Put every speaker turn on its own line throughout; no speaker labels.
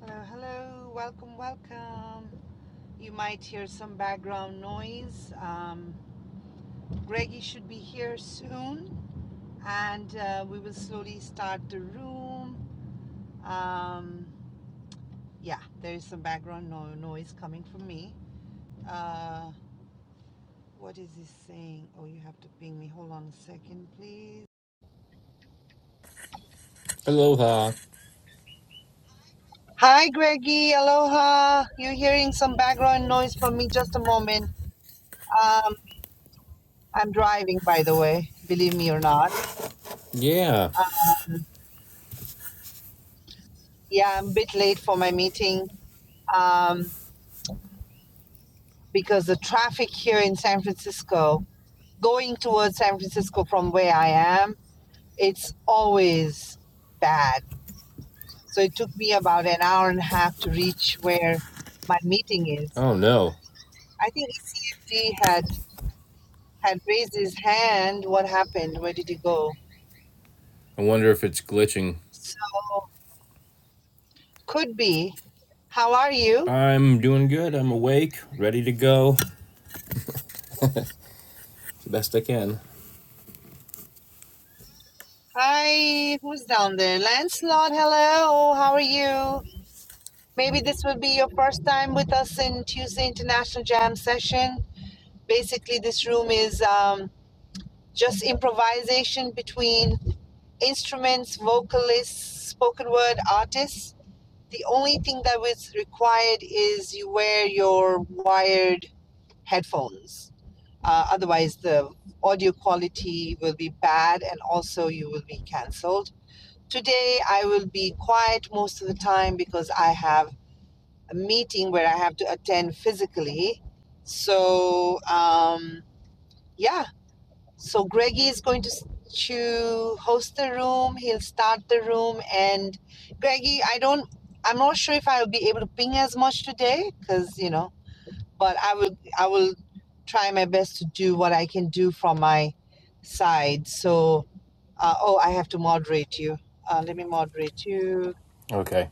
Hello, hello, welcome, welcome. You might hear some background noise. Um, Greggy should be here soon, and uh, we will slowly start the room. Um, yeah, there is some background no- noise coming from me. Uh, what is he saying? Oh, you have to ping me. Hold on a second, please.
Aloha.
Hi, Greggy. Aloha. You're hearing some background noise from me. Just a moment. Um, I'm driving, by the way, believe me or not.
Yeah.
Yeah, I'm a bit late for my meeting um, because the traffic here in San Francisco, going towards San Francisco from where I am, it's always bad. So it took me about an hour and a half to reach where my meeting is.
Oh no.
I think ECFD had had raised his hand. What happened? Where did he go?
I wonder if it's glitching.
So could be. How are you?
I'm doing good. I'm awake, ready to go, the best I can.
Hi, who's down there? Lancelot, hello. How are you? Maybe this will be your first time with us in Tuesday International Jam session. Basically, this room is um, just improvisation between instruments, vocalists, spoken word artists. The only thing that was required is you wear your wired headphones. Uh, otherwise, the audio quality will be bad and also you will be cancelled. Today, I will be quiet most of the time because I have a meeting where I have to attend physically. So um, yeah, so Greggy is going to to host the room. He'll start the room, and Greggy, I don't, I'm not sure if I'll be able to ping as much today because you know, but I will, I will try my best to do what I can do from my side. So uh, oh, I have to moderate you. Uh, let me moderate you.
Okay.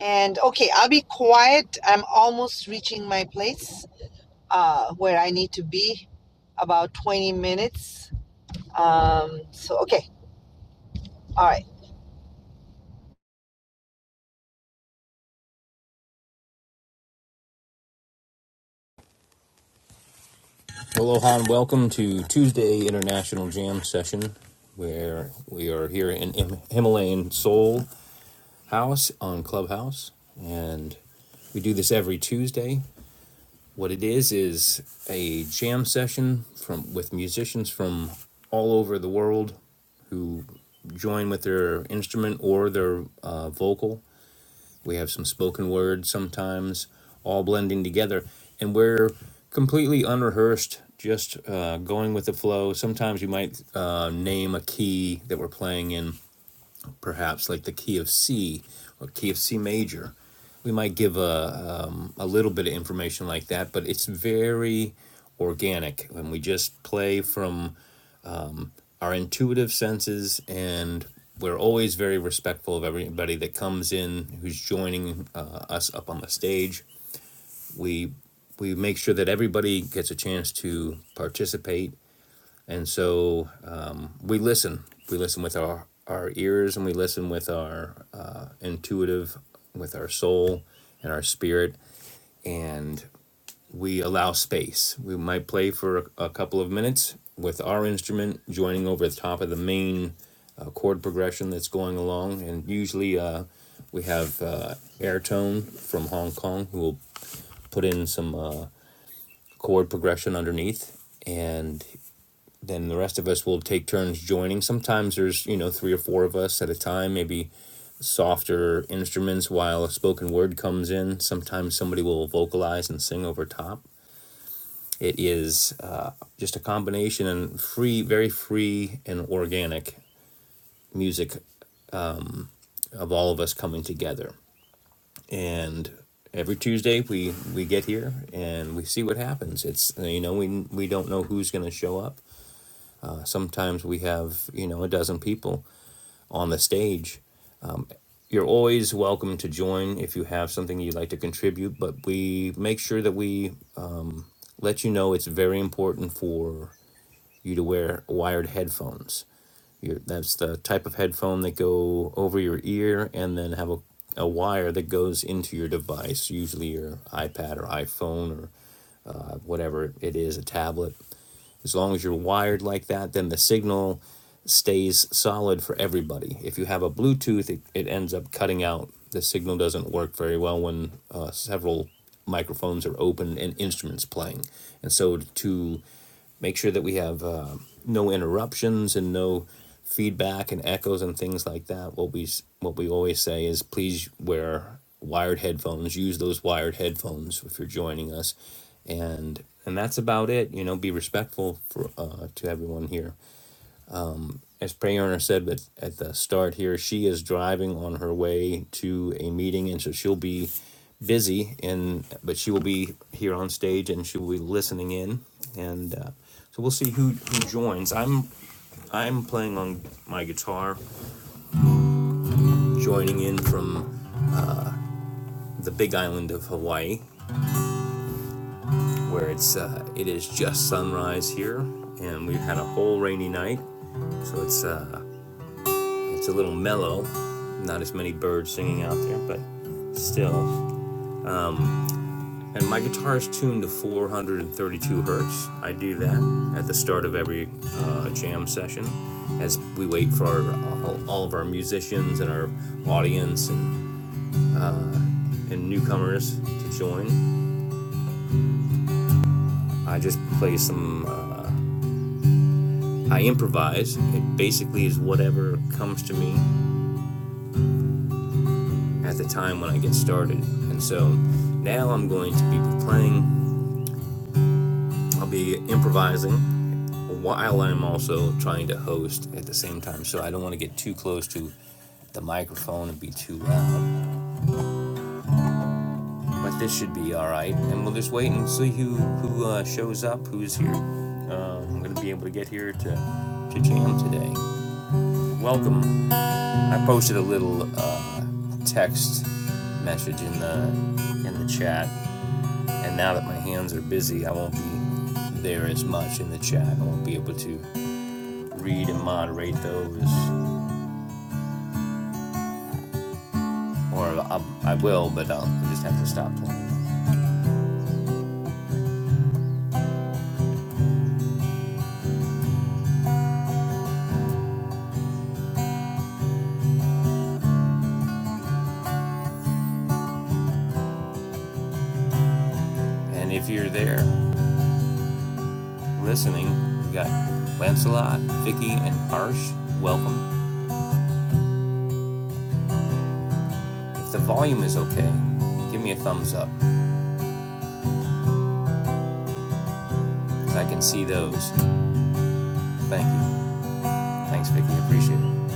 And okay, I'll be quiet. I'm almost reaching my place. uh, where I need to be about 20 minutes. Um, so, okay, all right.
Aloha and welcome to Tuesday International Jam Session, where we are here in Him- Himalayan Soul House on Clubhouse. And we do this every Tuesday. What it is is a jam session from with musicians from all over the world who join with their instrument or their uh, vocal. We have some spoken words sometimes, all blending together. And we're completely unrehearsed, just uh, going with the flow. Sometimes you might uh, name a key that we're playing in, perhaps like the key of C or key of C major. We might give a, a little bit of information like that, but it's very organic. And we just play from our intuitive senses and we're always very respectful of everybody that comes in who's joining uh, us up on the stage we we make sure that everybody gets a chance to participate and so we listen we listen with our our ears and we listen with our uh, intuitive with our soul and our spirit and we allow space. We might play for a, a couple of minutes with our instrument joining over the top of the main uh, chord progression that's going along. And usually uh, we have uh, Airtone from Hong Kong who will put in some uh, chord progression underneath. And then the rest of us will take turns joining. Sometimes there's, you know, three or four of us at a time, maybe softer instruments while a spoken word comes in. Sometimes somebody will vocalize and sing over top it is uh, just a combination and free, very free and organic music of all of us coming together. And every Tuesday we we get here and we see what happens. It's you know we we don't know who's going to show up. Uh, sometimes we have you know a dozen people on the stage. You're always welcome to join if you have something you'd like to contribute, but we make sure that we let you know it's very important for you to wear wired headphones. Your, that's the type of headphone that go over your ear and then have a, a wire that goes into your device, usually your iPad or iPhone or uh, whatever it is, a tablet. As long as you're wired like that, then the signal stays solid for everybody. If you have a Bluetooth, it, it ends up cutting out. The signal doesn't work very well when uh, several microphones are open and instruments playing. And so to make sure that we have uh, no interruptions and no feedback and echoes and things like that, what we what we always say is please wear wired headphones. Use those wired headphones if you're joining us, and and that's about it you know be respectful for uh, to everyone here as prayer owner said but at the start here she is driving on her way to a meeting and so she'll be busy and but she will be here on stage and she will be listening in and uh, so we'll see who who joins i'm i'm playing on my guitar joining in from the big island of hawaii where it's uh, it is just sunrise here and we've had a whole rainy night so it's uh, It's a little mellow, not as many birds singing out there, but still. And my guitar is tuned to 432 hertz. I do that at the start of every uh, jam session as we wait for our, all, all of our musicians and our audience and, and newcomers to join. I just play some, uh, I improvise. It basically is whatever comes to me at the time when I get started. And so now I'm going to be playing, I'll be improvising while I'm also trying to host at the same time. So I don't want to get too close to the microphone and be too loud. But this should be all right. And we'll just wait and see who who uh, shows up, who's here. Uh, I'm gonna be able to get here to to jam today. Welcome. I posted a little uh, text message in the in the chat, and now that my hands are busy, I won't be there as much in the chat. I won't be able to read and moderate those or I'll, I will, but I'll just have to stop playing. And if you're there listening, we got Lancelot, Vicky, and Harsh. Welcome. If the volume is okay, give me a thumbs up, 'cause I can see those. Thank you. Thanks, Vicky. Appreciate it.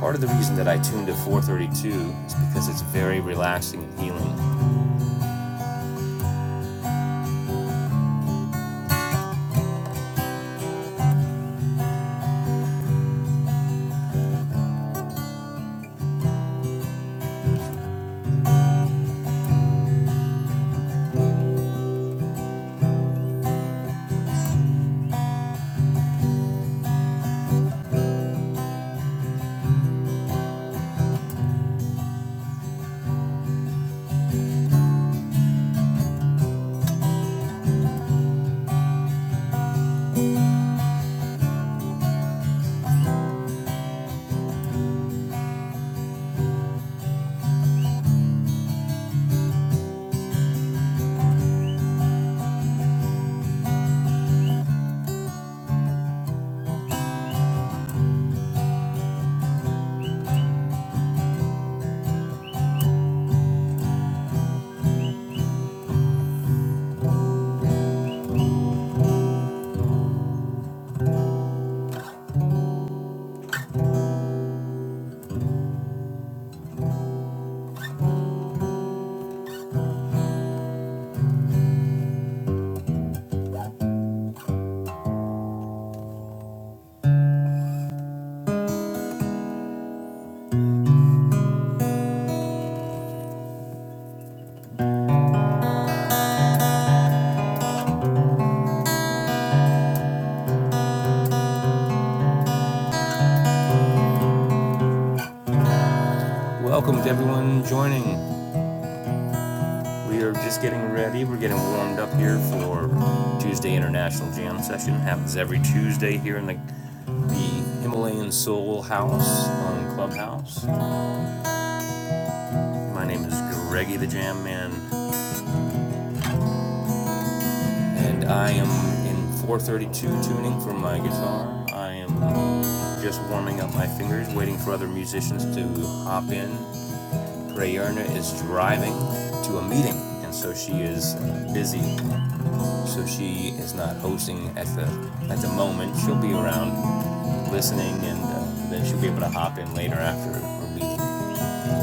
Part of the reason that I tuned to 432 is because it's very relaxing and healing. Welcome to everyone joining. We are just getting ready. We're getting warmed up here for Tuesday International Jam session. It Happens every Tuesday here in the, the Himalayan Soul House on Clubhouse. My name is Greggy the Jam Man, and I am in 432 tuning for my guitar. I am just warming up my fingers, waiting for other musicians to hop in. Prayerna is driving to a meeting, and so she is busy. so she is not hosting at the at the moment. She'll be around listening, and uh, then she'll be able to hop in later after her meeting,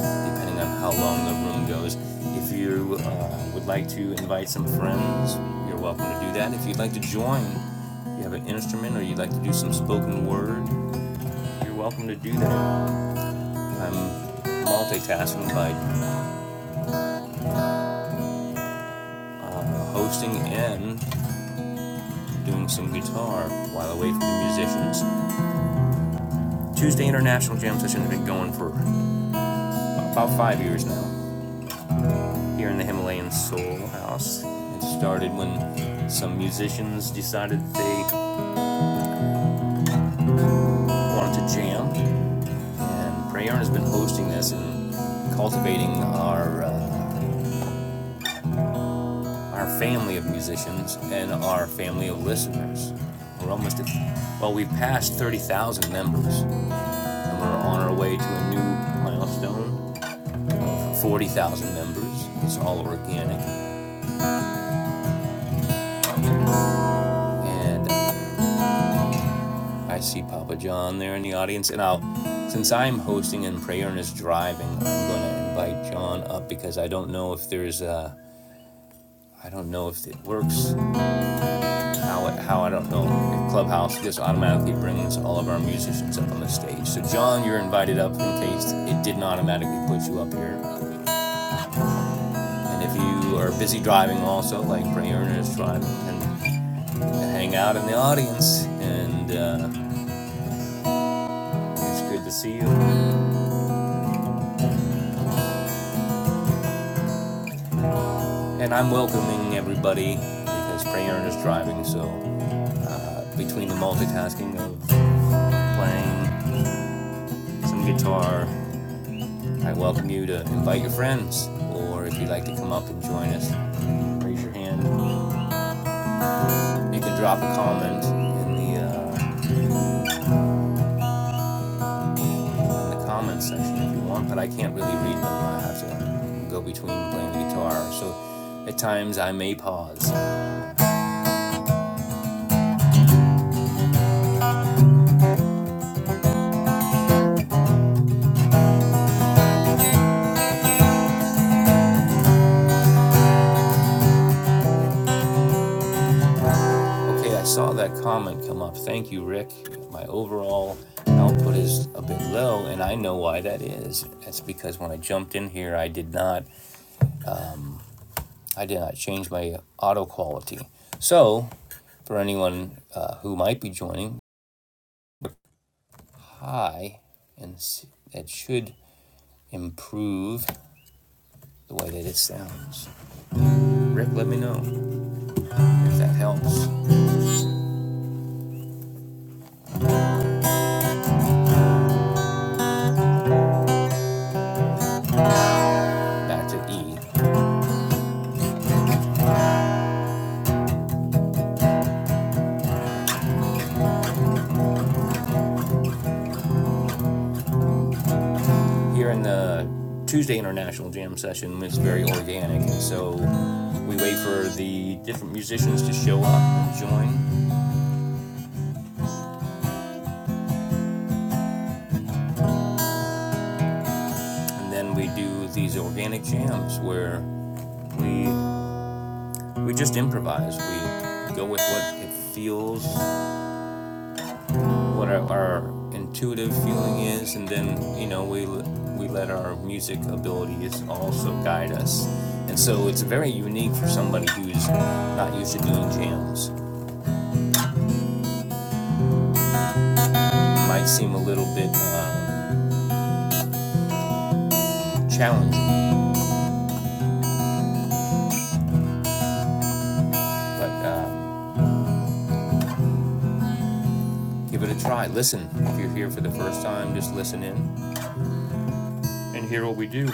depending on how long the room goes. If you uh, would like to invite some friends, you're welcome to do that. If you'd like to join, if you have an instrument or you'd like to do some spoken word, you're welcome to do that. I'm multitasking by uh, hosting and doing some guitar while away from the musicians. Tuesday International Jam Session has been going for about five years now here in the Himalayan Soul House. It started when some musicians decided they wanted to jam, and Prayern has been hosting this and cultivating our uh, our family of musicians and our family of listeners. We're almost at, well, we've passed 30,000 members, and we're on our way to a new milestone of 40,000 members. It's all organic, and I see Papa John there in the audience, and I'll, since I'm hosting and Prayer is driving, I'm going to invite John up because I don't know if there's a, I don't know if it works, how it, how I don't know. Clubhouse just automatically brings all of our musicians up on the stage. So John, you're invited up in case it didn't automatically put you up here. And if you are busy driving also, like Prayer is driving, and hang out in the audience. And uh, it's good to see you. And I'm welcoming everybody because Prayer is driving, so uh, between the multitasking of playing some guitar, I welcome you to invite your friends, or if you'd like to come up and join us, raise your hand. You can drop a comment in the uh, in the comments section if you want, but I can't really read them. I have to go between playing the guitar, so at times I may pause. Okay, I saw that comment come up. Thank you, Rick. My overall output is a bit low, and I know why that is. That's because when I jumped in here, I did not, I did not change my auto quality. So, for anyone uh, who might be joining, hi, and that should improve the way that it sounds. Rick, let me know if that helps. Back to E. Here in the Tuesday International Jam session, it's very organic, and so we wait for the different musicians to show up and join, and then we do these organic jams where we we just improvise. We go with what it feels, what our, our intuitive feeling is, and then you know we we let our music abilities also guide us. And so it's very unique for somebody who's not used to doing jams. might seem a little bit um, challenging, but uh, give it a try. Listen. If you're here for the first time, just listen in and hear what we do.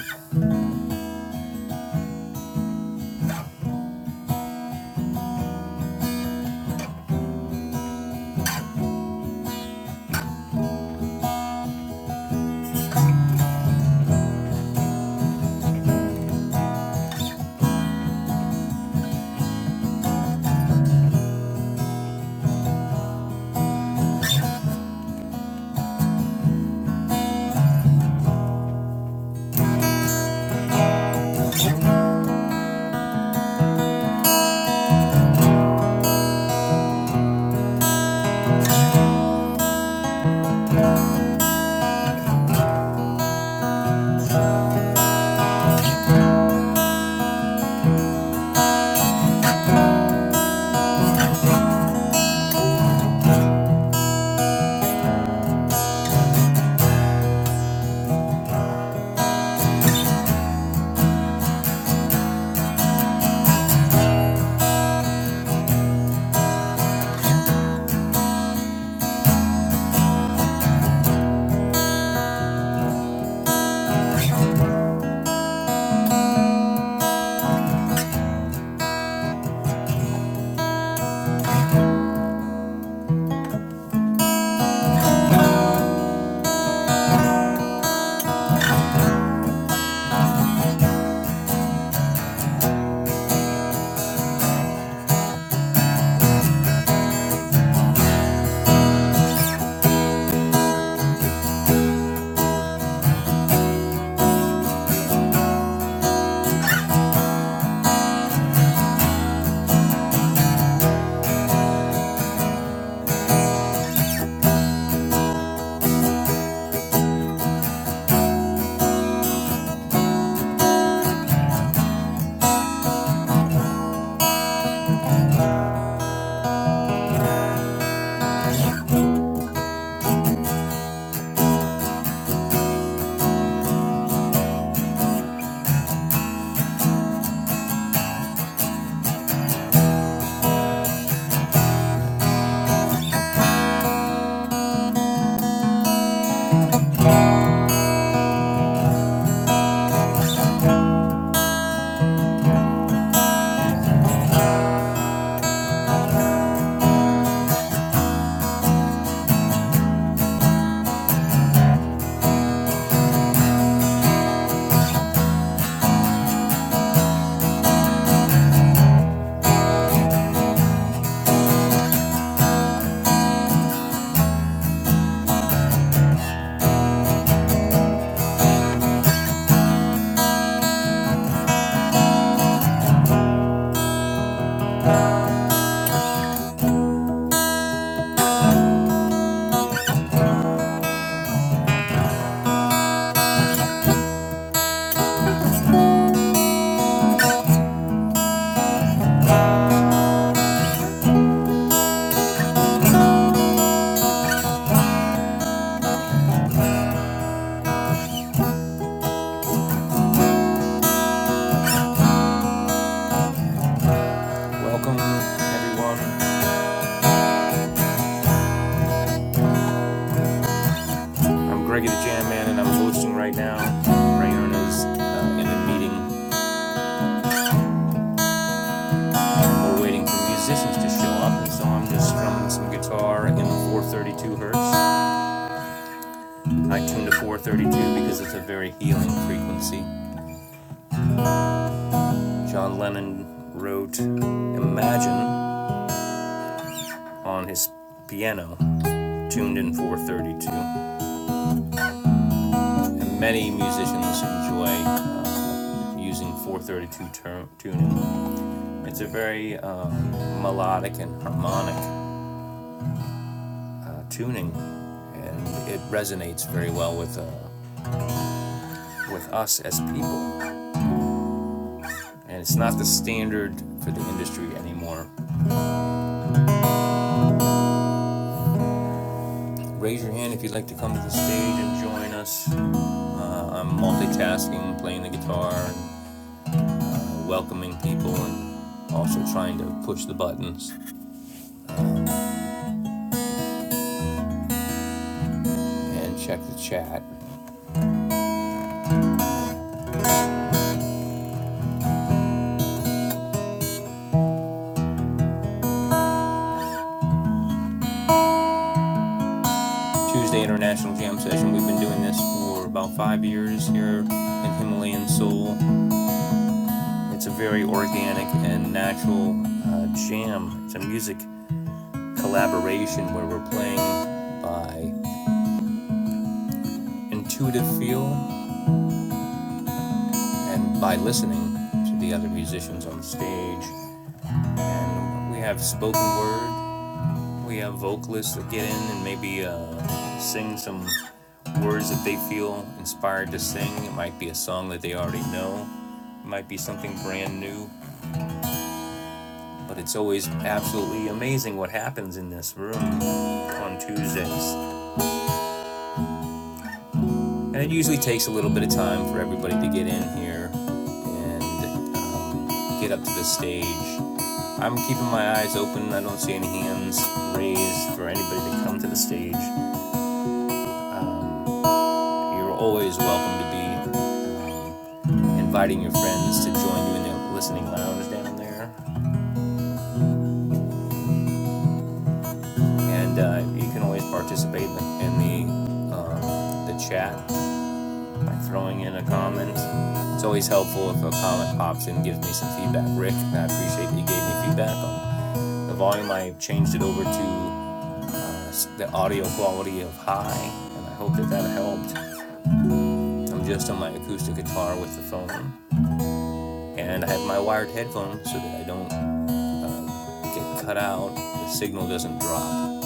Welcome, everyone. I'm Greggy the Jam Man, and I'm hosting right now. Rayern is uh, in a meeting. We're waiting for musicians to show up, and so I'm just strumming some guitar in 432 hertz. I tuned to 432 because it's a very healing frequency. John Lennon wrote Imagine on his piano tuned in 432. And many musicians enjoy uh, using 432 tur- tuning. It's a very uh, melodic and harmonic uh, tuning, and it resonates very well with, uh, with us as people. And it's not the standard for the industry anymore. Raise your hand if you'd like to come to the stage and join us. Uh, I'm multitasking, playing the guitar, and uh, welcoming people, and also trying to push the buttons. and check the chat. Tuesday International Jam Session. We've been doing this for about five years here in Himalayan Seoul. It's a very organic and natural uh, jam. It's a music collaboration where we're playing by intuitive feel and by listening to the other musicians on stage. And we have spoken word We have vocalists that get in and maybe uh, sing some words that they feel inspired to sing. It might be a song that they already know, it might be something brand new, but it's always absolutely amazing what happens in this room on Tuesdays. And it usually takes a little bit of time for everybody to get in here and um, get up to the stage. I'm keeping my eyes open. I don't see any hands raised for anybody to come to the stage. You're always welcome to be um, inviting your friends to join you in the listening lounge down there, and uh, you can always participate in the in the, um, chat by throwing in a comment. It's always helpful if a comment pops in and gives me some feedback. Rick, I appreciate that you gave me feedback on the volume. I changed it over to uh, the audio quality of high, and I hope that that helped. I'm just on my acoustic guitar with the phone, and I have my wired headphones so that I don't get cut out, the signal doesn't drop.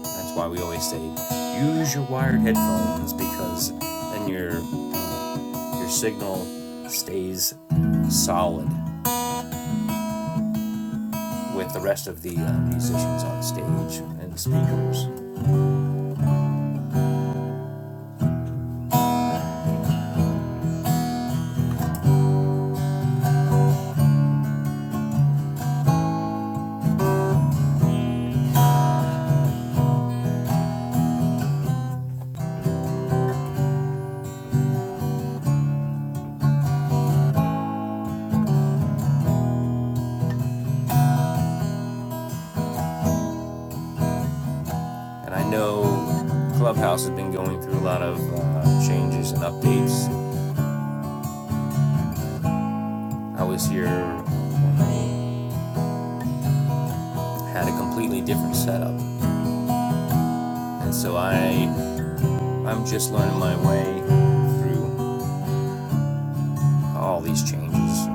That's why we always say use your wired headphones because then your uh, your signal stays solid with the rest of the uh, musicians on stage and speakers. And I know Clubhouse has been going through a lot of uh, changes and updates. I was here when they had a completely different setup, and so I I'm just learning my way through all these changes.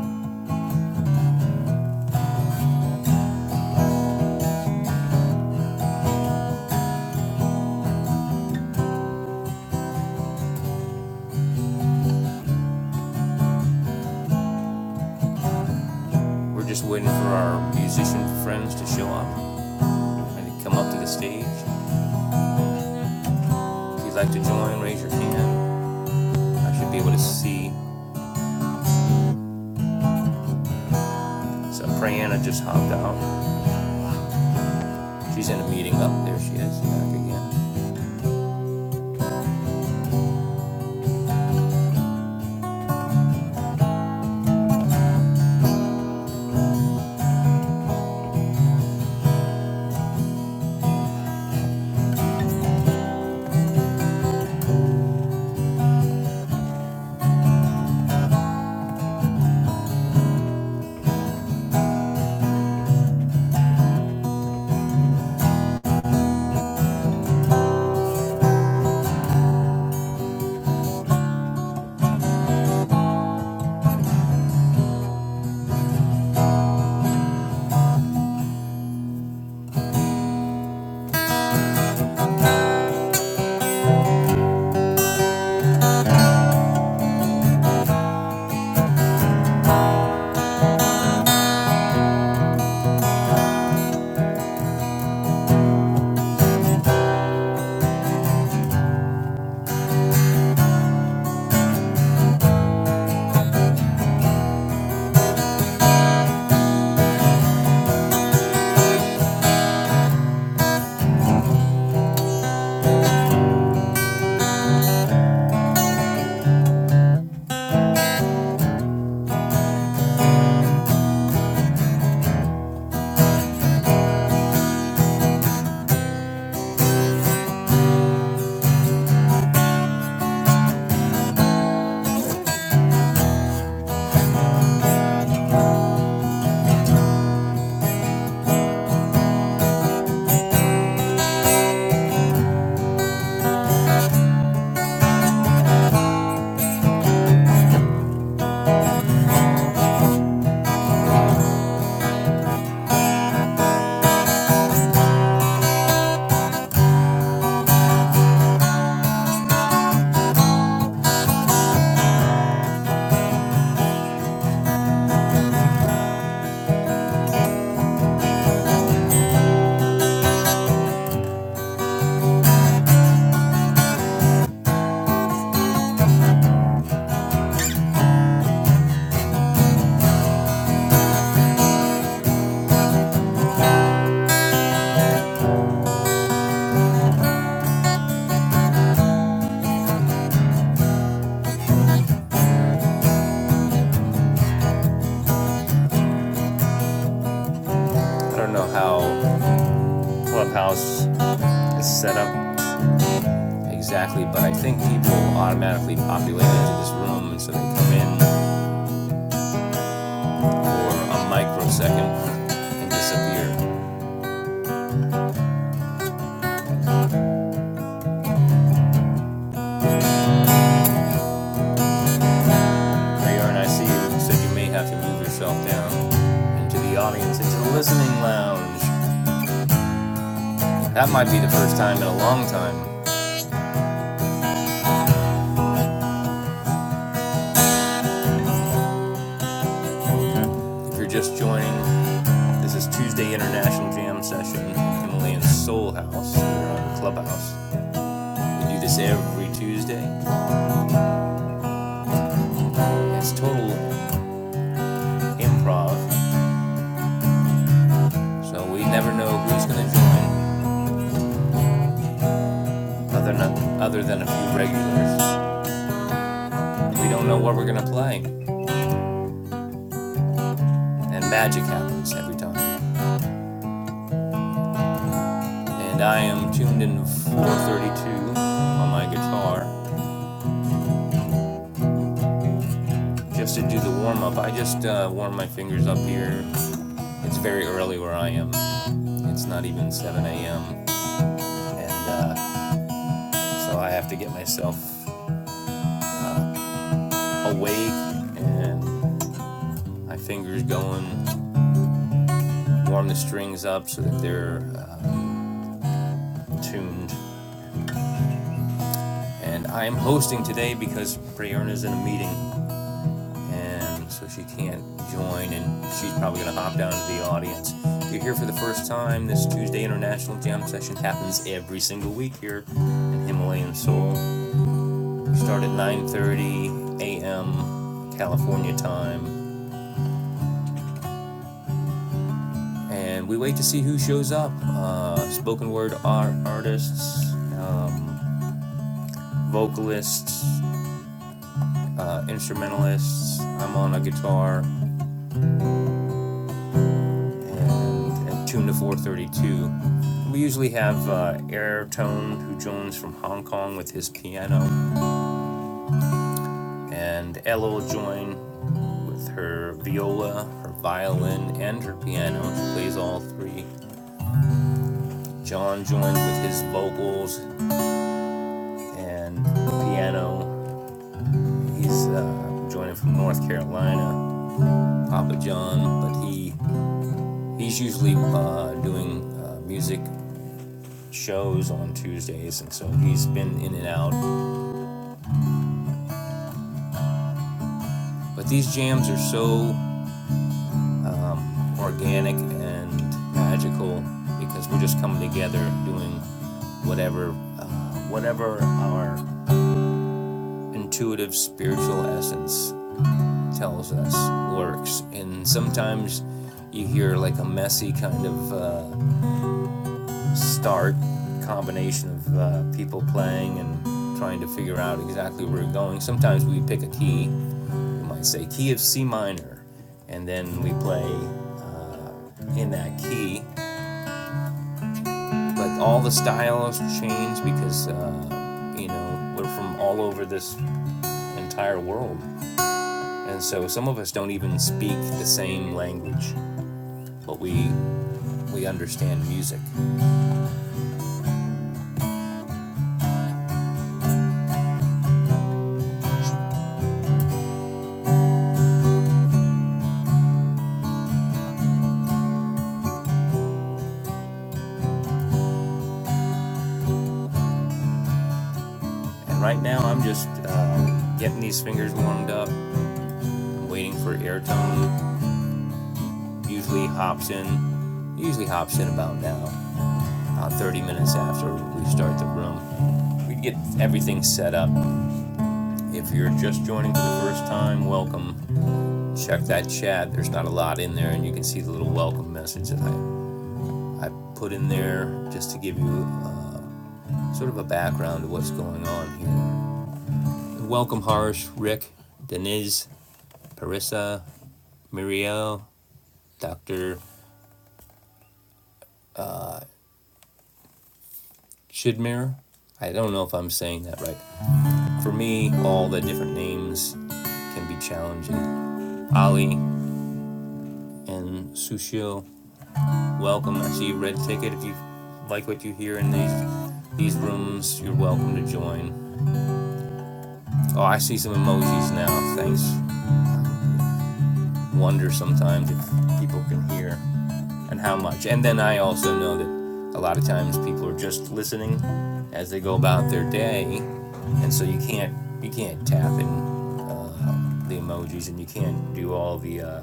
We're just waiting for our musician friends to show up and to come up to the stage. If you'd like to join, raise your hand. I should be able to see. So Priyana just hopped out. She's in a meeting up there. She is back again. I don't know how Clubhouse is set up exactly, but I think people automatically populate into this room, and so they come in for a microsecond and disappear. radar and I see you, said you may have to move yourself down into the audience, into the listening lounge. That might be the first time in a long time. If you're just joining, this is Tuesday International Jam Session, Himalayan Soul House. We're on Clubhouse. We do this every Tuesday. It's total improv, so we never know who's going to join other than, other than a few regulars. We don't know what we're going to play, and magic happens every time. and I am tuned in 432 on my guitar just to do the warm up. I just uh, warm my fingers up here. It's very early where I am. It's not even 7 a.m. and uh, so I have to get myself awake and my fingers going, warm the strings up so that they're uh, tuned. And I am hosting today because Prayerna's in a meeting and so she can't join, and she's probably going to hop down to the audience. If you're here for the first time, this Tuesday International Jam Session happens every single week here at Himalayan Soul. We start at 9.30 a.m. California time, and we wait to see who shows up. Uh, spoken word art artists, uh, vocalists, uh, instrumentalists. I'm on a guitar. and, and tuned to 432. We usually have uh, Air Tone, who joins from Hong Kong with his piano, and Ella will join with her viola, her violin, and her piano. She plays all three. John joins with his vocals and piano. He's uh, joining from North Carolina, Papa John, but he he's usually uh, doing uh, music shows on Tuesdays, and so he's been in and out. But these jams are so organic and magical because we're just coming together doing whatever uh, whatever our intuitive spiritual essence tells us works. And sometimes you hear like a messy kind of uh, start combination of uh, people playing and trying to figure out exactly where we're going. Sometimes we pick a key. We might say key of C minor, and then we play in that key Like all the styles change because uh, you know we're from all over this entire world, and so some of us don't even speak the same language, but we we understand music. And right now I'm just uh, getting these fingers warmed up, waiting for air tone. Usually hops in, usually hops in about now, about 30 minutes after we start the room. We get everything set up. If you're just joining for the first time, welcome. Check that chat. There's not a lot in there, and you can see the little welcome message that I, I put in there just to give you uh, sort of a background of what's going on here. Welcome, Harsh, Rick, Deniz, Parissa, Muriel, Dr. Shidmir. I don't know if I'm saying that right. For me, all the different names can be challenging. Ali and Sushil, welcome. I see a red ticket. If you like what you hear in these these rooms, you're welcome to join. Oh, I see some emojis now. Thanks. Wonder sometimes if people can hear and how much. And then I also know that a lot of times people are just listening as they go about their day, and so you can't you can't tap in the emojis and you can't do all the uh,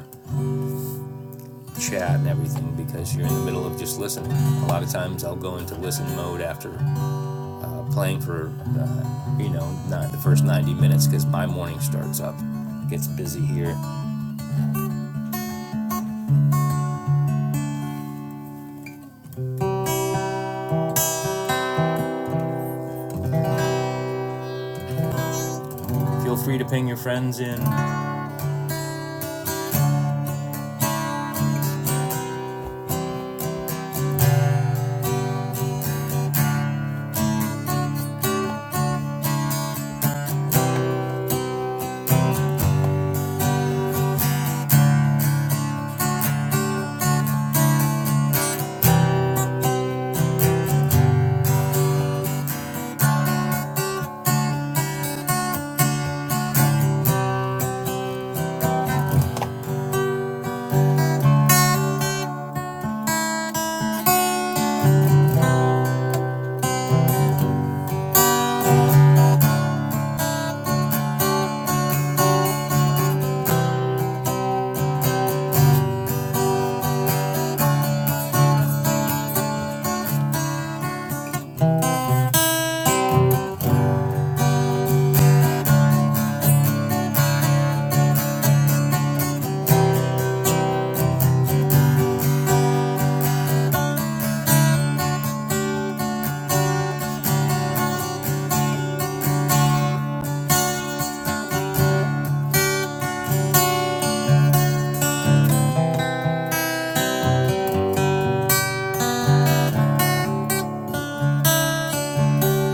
chat and everything because you're in the middle of just listening. A lot of times I'll go into listen mode after uh, playing for uh, you know not the first 90 minutes because my morning starts up, gets busy here. Feel free to ping your friends in.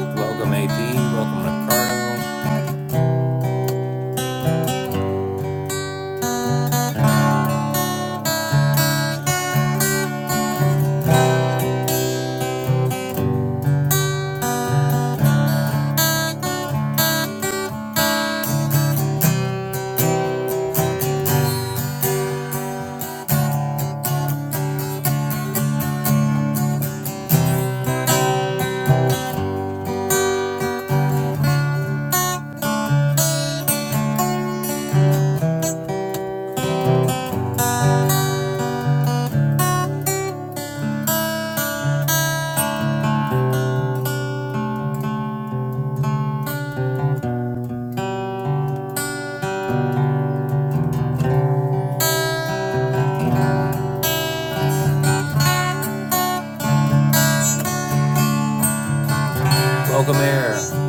Welcome AP, welcome Ricardo, welcome Air.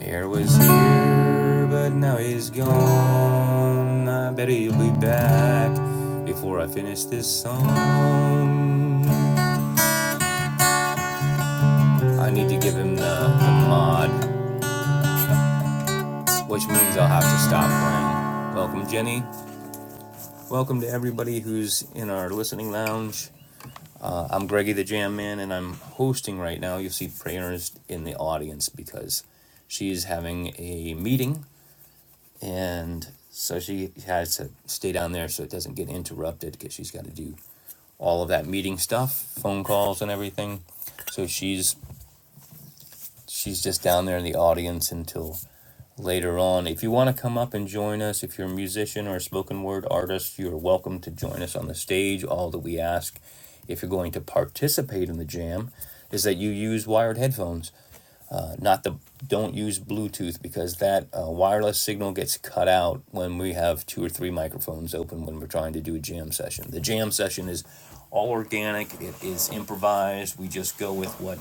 Air was here, but now he's gone. I bet he'll be back before I finish this song. I need to give him the, the mod, which means I'll have to stop playing. Welcome, Jenny. Welcome to everybody who's in our listening lounge. I'm Greggy the Jam Man, and I'm hosting right now. You'll see Prayers in the audience because she's having a meeting, and so she has to stay down there so it doesn't get interrupted because she's got to do all of that meeting stuff, phone calls, and everything. So she's she's just down there in the audience until later on. If you want to come up and join us, if you're a musician or a spoken word artist, you're welcome to join us on the stage. All that we ask, if you're going to participate in the jam, is that you use wired headphones, uh, not the don't use Bluetooth because that uh, wireless signal gets cut out when we have two or three microphones open when we're trying to do a jam session. The jam session is all organic. It is improvised. We just go with what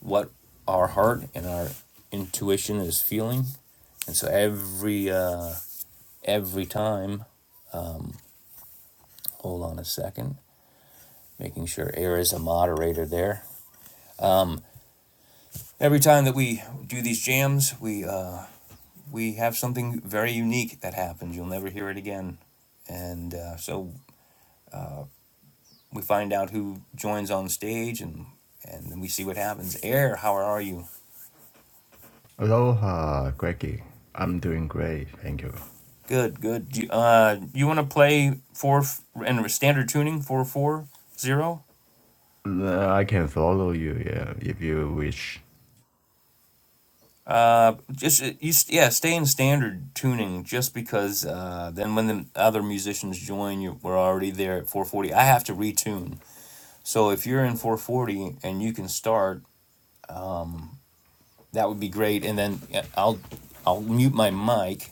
what our heart and our intuition is feeling and so every uh, every time, hold on a second, making sure air is a moderator there. Every time that we do these jams, we uh, we have something very unique that happens. You'll never hear it again. And uh, so we find out who joins on stage, and and then we see what happens. Air, how are you?
Aloha, Greggy. I'm doing great, thank you.
Good, good. Do you, uh, you want to play four f- and standard tuning four four zero?
Uh, I can follow you, yeah, if you wish.
Uh, just uh, you, yeah, stay in standard tuning. Just because uh, then when the other musicians join, you we're already there at four forty. I have to retune. So if you're in four forty and you can start, that would be great. And then yeah, I'll I'll mute my mic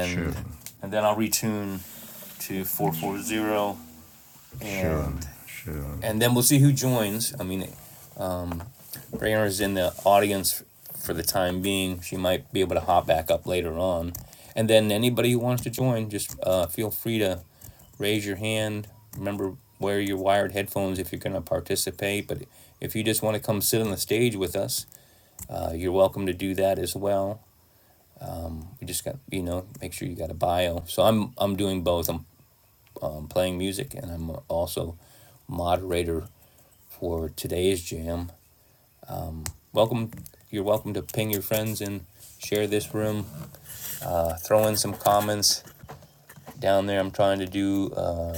Sure,
and then I'll retune to four four zero
sure,
and
sure.
and then we'll see who joins. I mean. Rainer in the audience for the time being. She might be able to hop back up later on. And then anybody who wants to join, just uh, feel free to raise your hand. Remember, wear your wired headphones if you're going to participate. But if you just want to come sit on the stage with us, uh, you're welcome to do that as well. You just got, you know, make sure you got a bio. So I'm I'm doing both. I'm um, playing music and I'm also moderator for today's jam. Welcome. You're welcome to ping your friends and share this room. Uh, throw in some comments down there. I'm trying to do uh,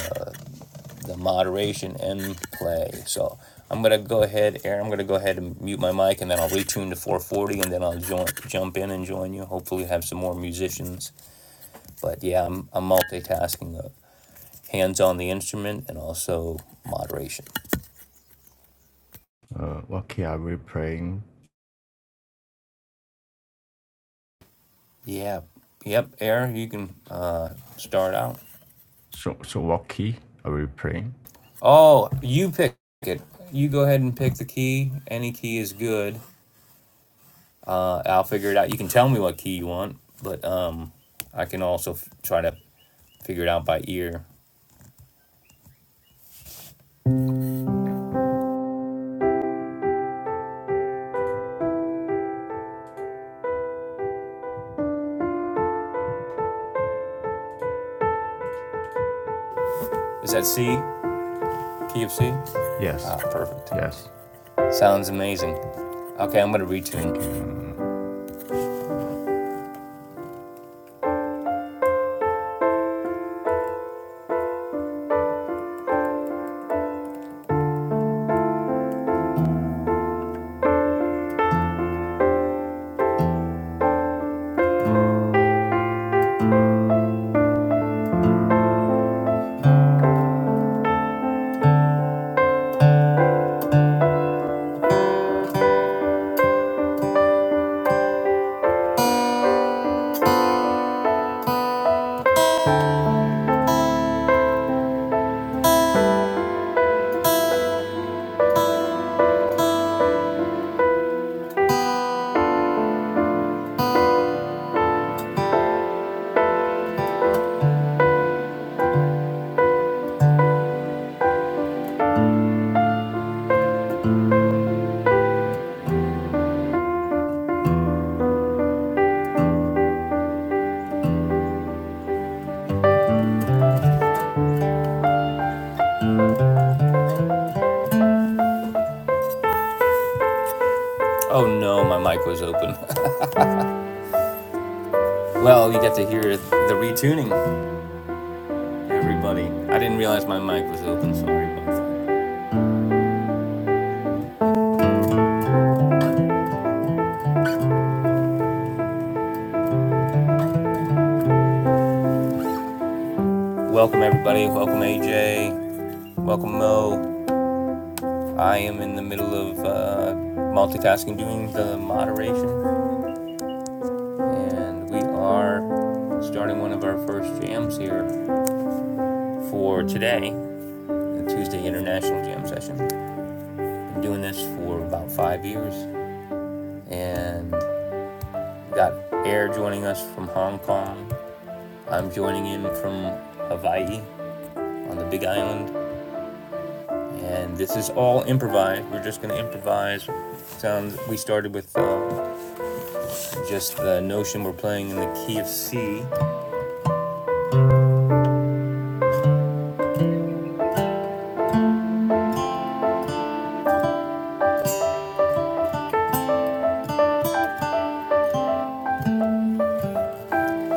the moderation and play. So I'm gonna go ahead, Aaron. I'm gonna go ahead and mute my mic, and then I'll retune to 440, and then I'll join, jump in and join you. Hopefully, have some more musicians. But yeah, I'm, I'm multitasking. Uh, hands on the instrument and also moderation.
Uh, what key are we playing?
Yeah. Yep. Air. You can uh, start out.
So, so what key are we playing?
Oh, you pick it. You go ahead and pick the key. Any key is good. Uh, I'll figure it out. You can tell me what key you want, but um, I can also f- try to figure it out by ear. Is that C? Key of C?
Yes,
Ah, perfect.
yes,
Sounds amazing. Okay, I'm gonna retune.
thank you.
Oh no, my mic was open. well, you got to hear the retuning, everybody. I didn't realize my mic was open. Sorry about that. Welcome, everybody. Welcome, AJ. Welcome, Mo. I am in the middle of uh, multitasking, doing the moderation, and we are starting one of our first jams here for today, the Tuesday International Jam Session. Been doing this for about five years, and we've got Air joining us from Hong Kong. I'm joining in from Hawaii on the Big Island, and this is all improvised. We're just going to improvise sounds we started with uh, just the notion we're playing in the key of c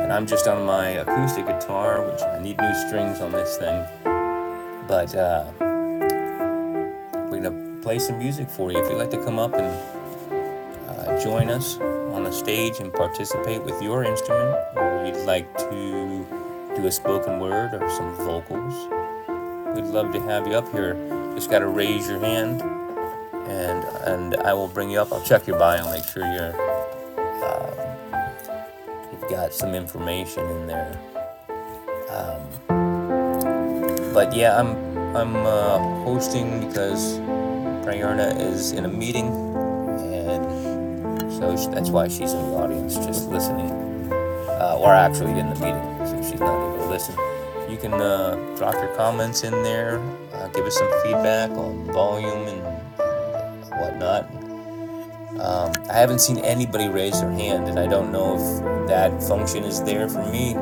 and I'm just on my acoustic guitar, which I need new strings on this thing. But uh, we're gonna play some music for you. If you'd like to come up and uh, join us on the stage and participate with your instrument, or you'd like to do a spoken word or some vocals, we'd love to have you up here. Just gotta raise your hand, and and I will bring you up. I'll check your bio, make sure you're you've got some information in there. But yeah, I'm I'm uh, hosting because Prayerna is in a meeting, and so sh that's why she's in the audience, just listening, uh, or actually in the meeting, so she's not able to listen. You can uh, drop your comments in there, uh, give us some feedback on volume and whatnot. I haven't seen anybody raise their hand, and I don't know if that function is there for me.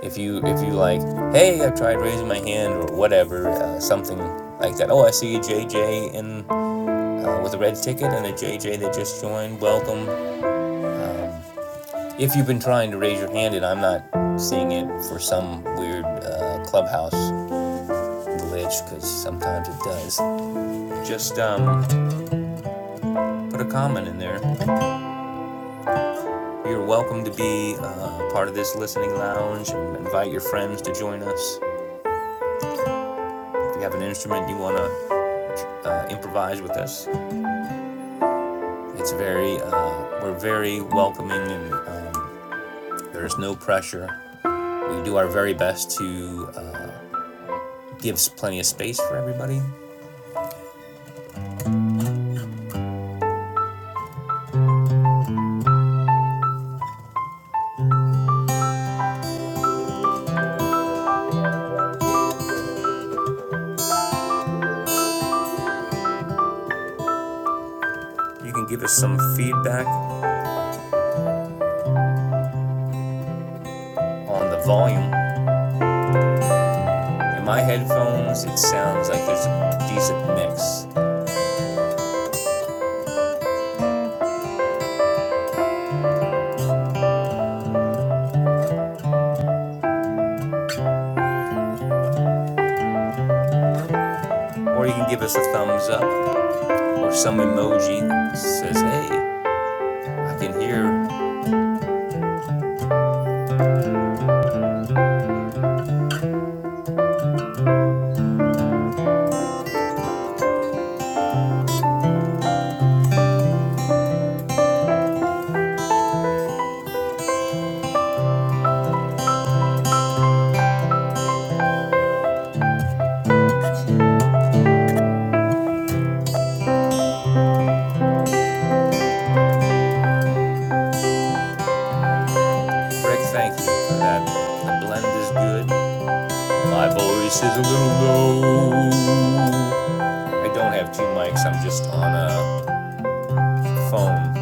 If you if you like, hey, I've tried raising my hand or whatever, uh, something like that. Oh, I see a JJ in uh, with a red ticket and a JJ that just joined. Welcome. If you've been trying to raise your hand and I'm not seeing it for some weird uh, clubhouse glitch, because sometimes it does, just um, put a comment in there. You're welcome to be uh, part of this listening lounge and invite your friends to join us. If you have an instrument you want to uh, improvise with us, it's very, uh, we're very welcoming and uh, there's no pressure. We do our very best to uh, give plenty of space for everybody. You can give us some feedback on the volume In my headphones, it sounds like there's a decent mix. Or you can give us a thumbs up or some emoji that says, hey, I can hear Rick, thank you for that. The blend is good. My voice is a little low. I don't have two mics, I'm just on a phone.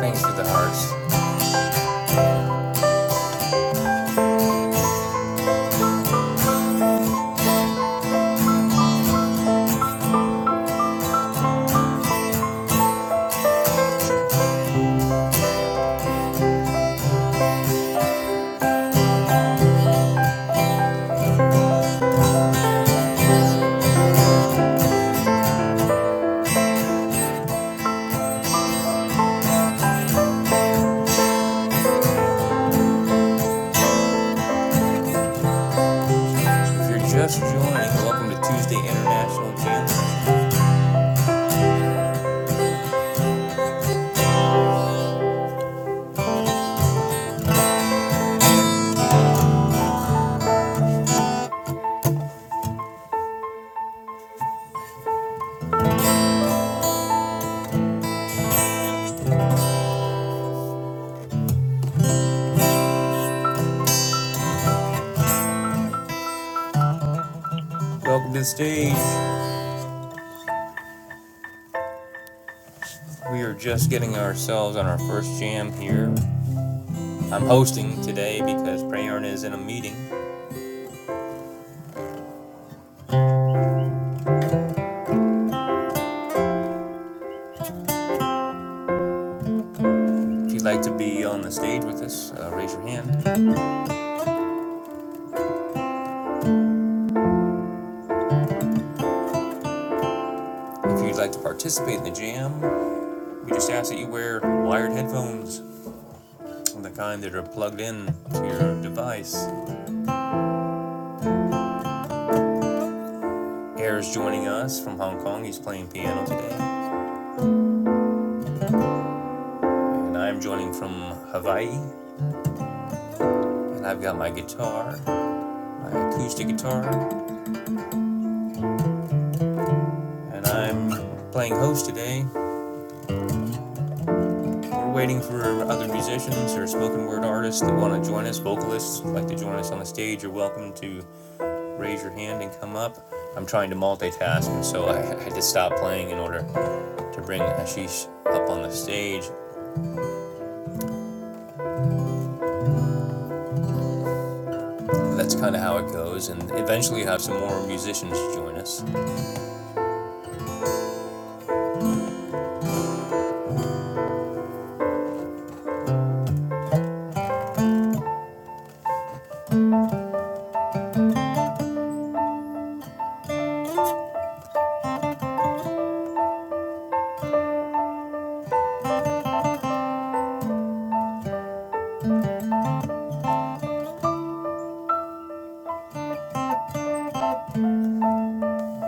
Thanks to the hearts. If you're just joining, welcome to Tuesday International Jam Session. Welcome to the stage. We are just getting ourselves on our first jam here I'm hosting today because Prayarna is in a meeting. If you'd like to be on the stage with us, uh, raise your hand. If you'd like to participate in the jam, we just ask that you wear wired headphones, the kind that are plugged in to your device. Air's joining us from Hong Kong. He's playing piano today. And I'm joining from Hawaii. And I've got my guitar, my acoustic guitar. And I'm playing host today. We're waiting for other musicians or spoken word artists that want to join us, vocalists like to join us on the stage. You're welcome to raise your hand and come up. I'm trying to multitask, and so I had to stop playing in order to bring Ashish up on the stage. That's kind of how it goes, and eventually have some more musicians join us.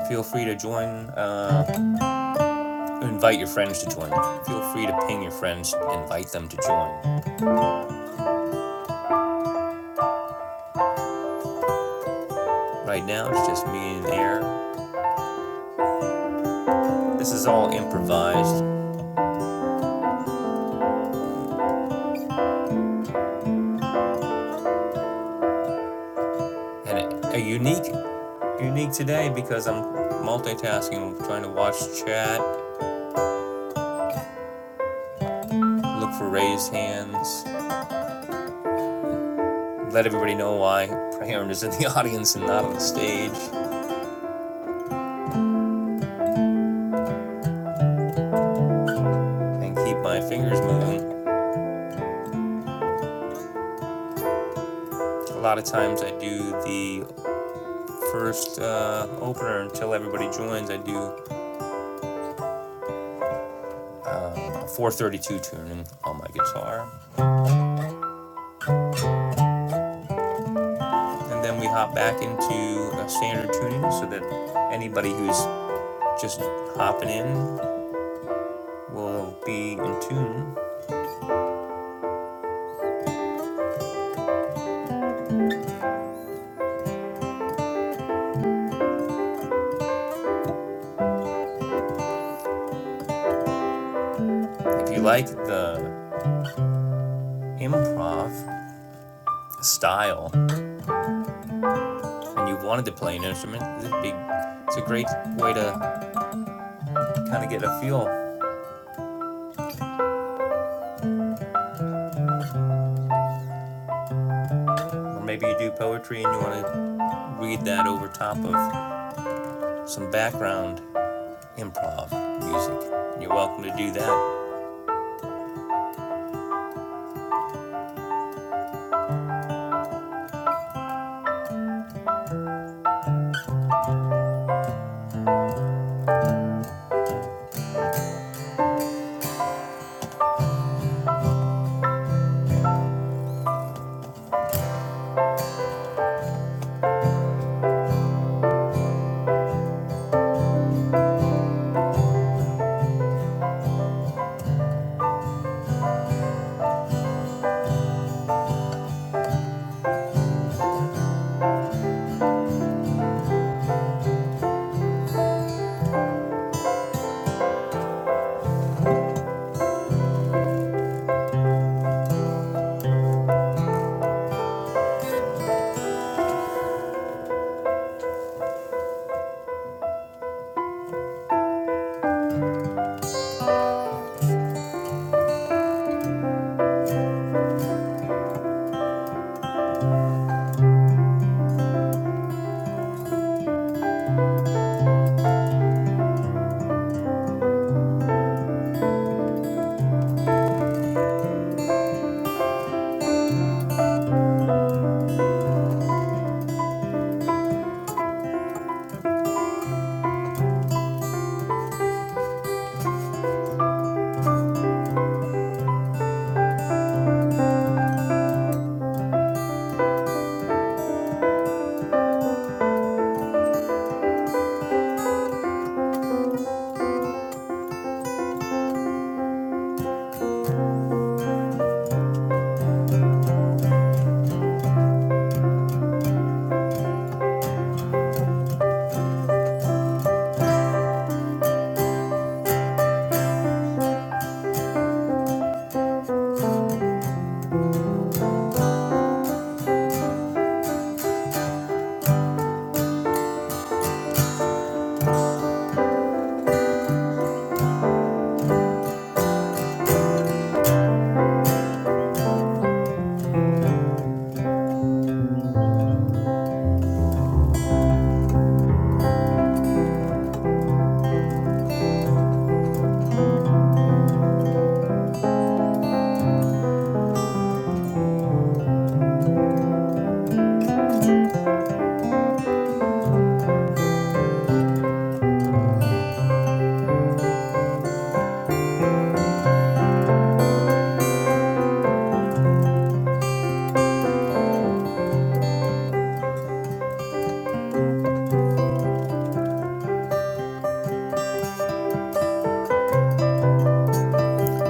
Feel free to join, uh, invite your friends to join. Feel free to ping your friends, invite them to join. Right now, it's just me and Air. This is all improvised. and a unique unique today because I'm multitasking, trying to watch chat, look for raised hands, let everybody know why Prahern is in the audience and not on the stage, and keep my fingers moving. A lot of times I do the first uh, opener until everybody joins. I do 432 tuning on my guitar, and then we hop back into a standard tuning so that anybody who's just hopping in will be in tune If you like the improv style and you wanted to play an instrument, it'd be, it's a great way to kind of get a feel. Or maybe you do poetry and you want to read that over top of some background improv music. You're welcome to do that.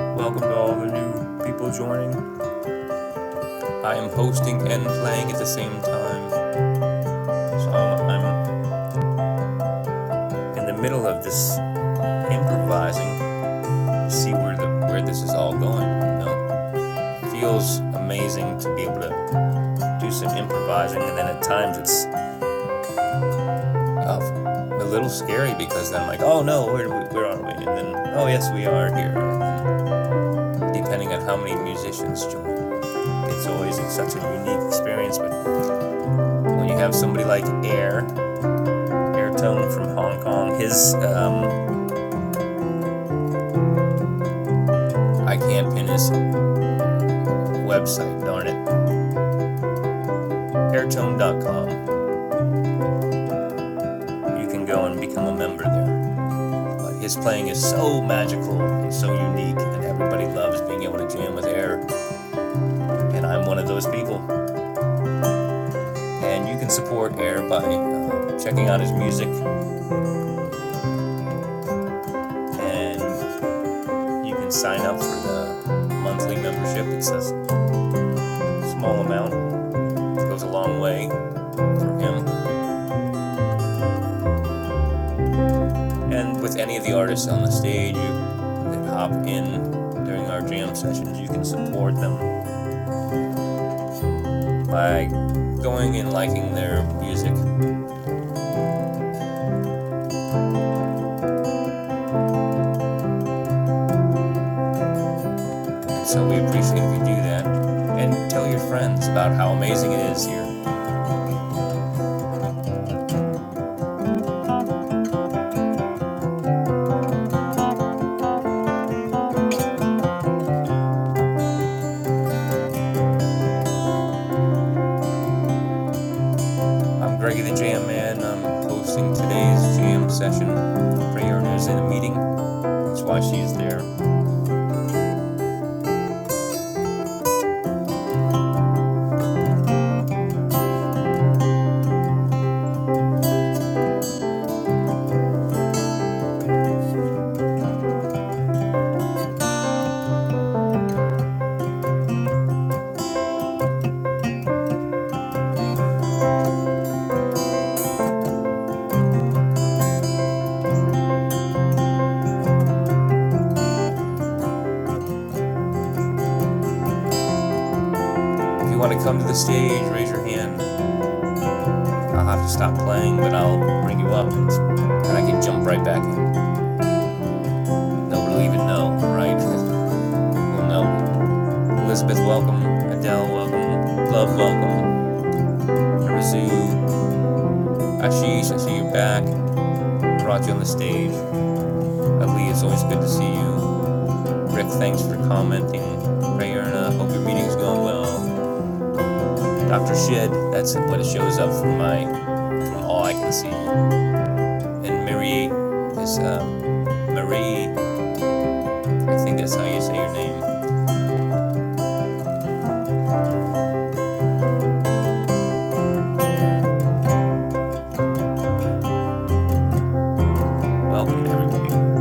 Welcome to all the new people joining. I am hosting and playing at the same time, so I'm, I'm in the middle of this improvising. See where the where this is all going. You know, feels amazing to be able to do some improvising, and then at times it's uh, a little scary because then I'm like, oh no, where, where are we? And then, oh yes, we are here. And then, depending on how many musicians join, it's always it's such a unique experience. But when you have somebody like Air, Airtone from Hong Kong, his, um, I can't pin his website, darn it, airtone.com, you can go and become a member there. But his playing is so magical and so unique, and everybody loves being able to jam with Air. And I'm one of those people. And you can support Air by uh, checking out his music, and you can sign up for the monthly membership. It's a small amount, it goes a long way for him. And with any of the artists on the stage you, that hop in during our jam sessions, you can support them by going and liking their music So we appreciate if you do that. And tell your friends about how amazing it is here. I'm Greggy the Jam Man. I'm hosting today's jam session. Prayerna is in a meeting. That's why she's there. If you want to come to the stage, raise your hand. I'll have to stop playing, but I'll bring you up It's, and I can jump right back in. Nobody will even know, right? we'll know. Elizabeth, welcome. Adele, welcome. Love, welcome. Arazu, Ashish, I see you're back. Brought you on the stage. Ali, it's always good to see you. Rick, thanks for commenting. Prayerna, hope your meeting's going well. Dr. Shed, that's what it shows up for my, from all I can see. And Marie is, um, Marie, I think that's how you say your name. Welcome to everyone.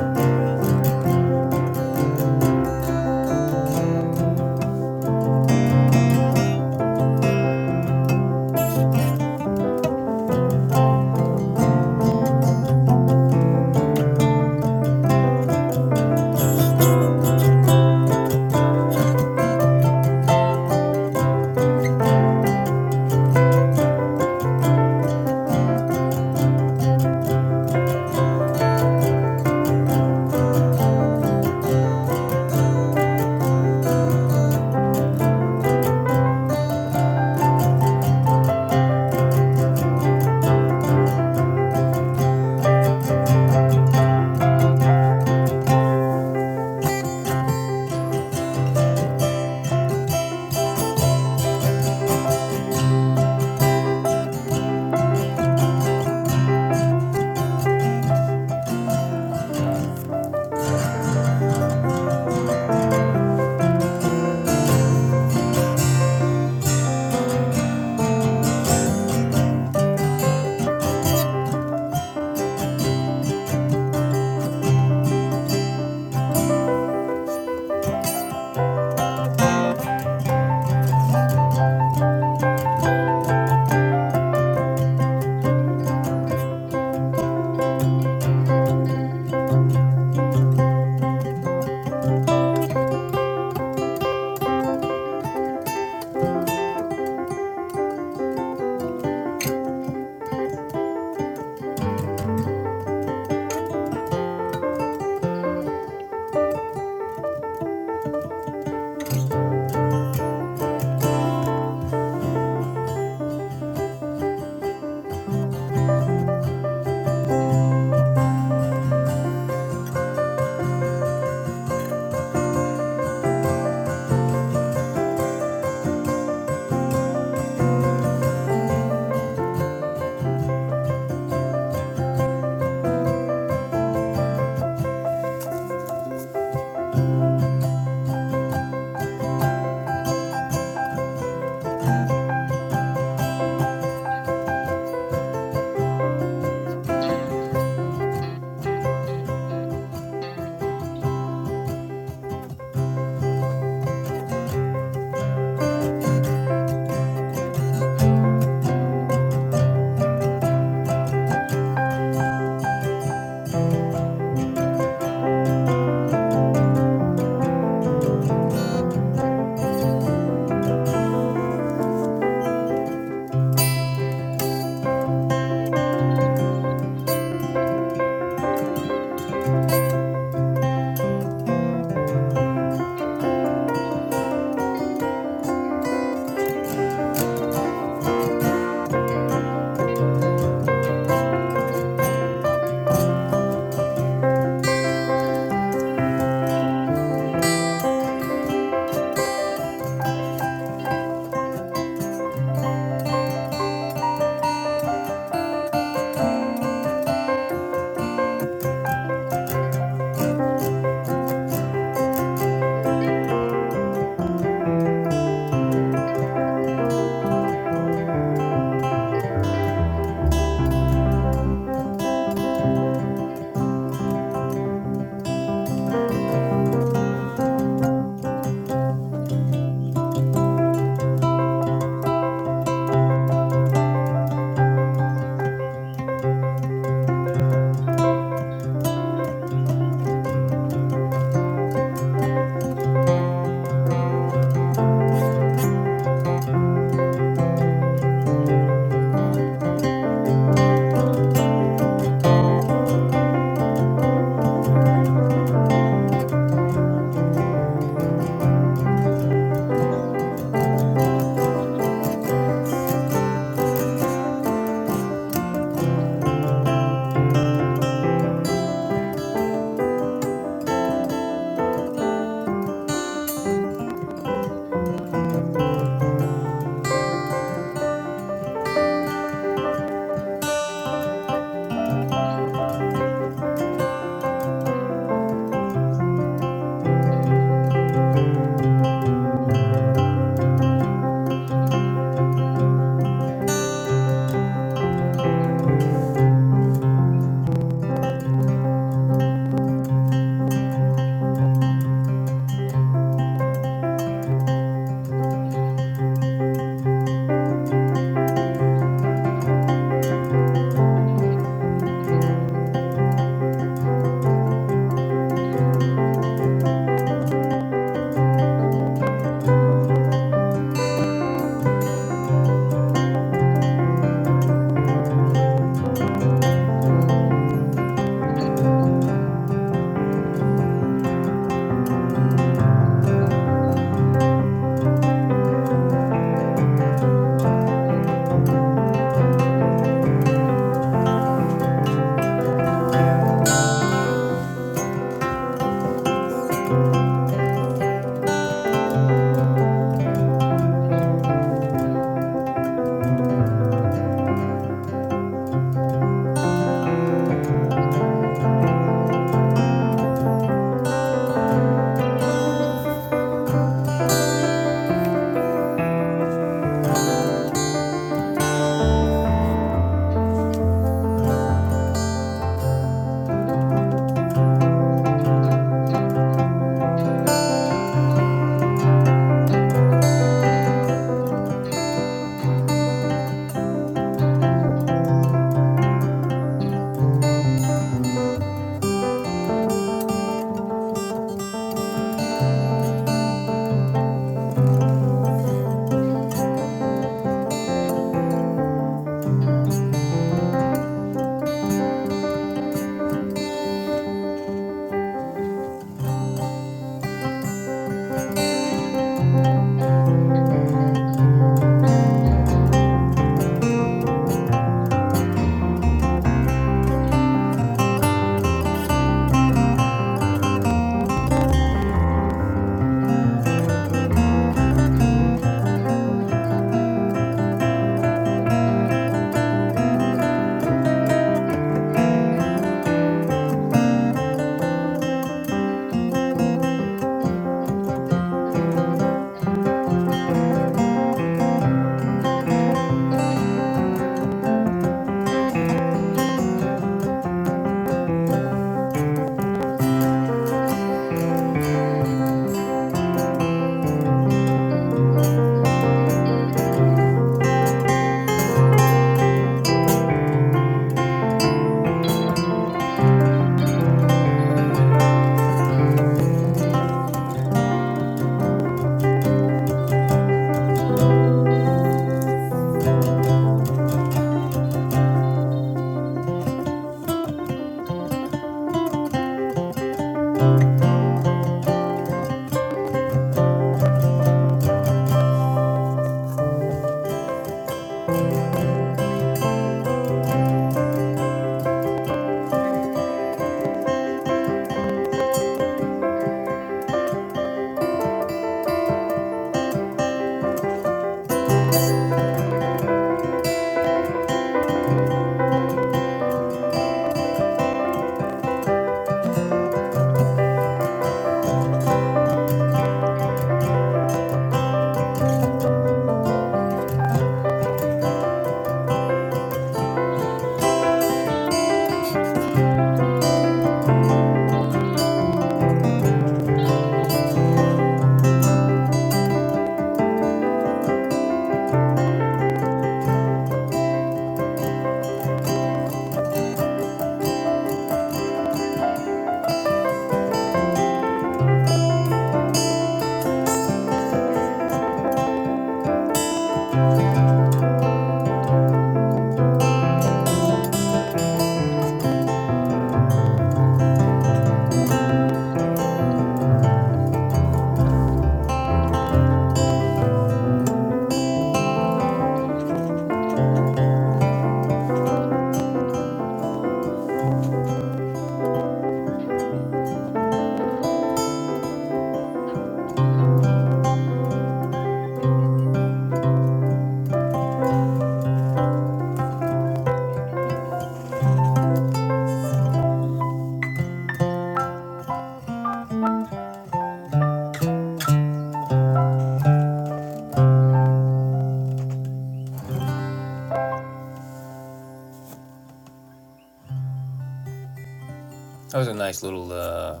That was a nice little uh,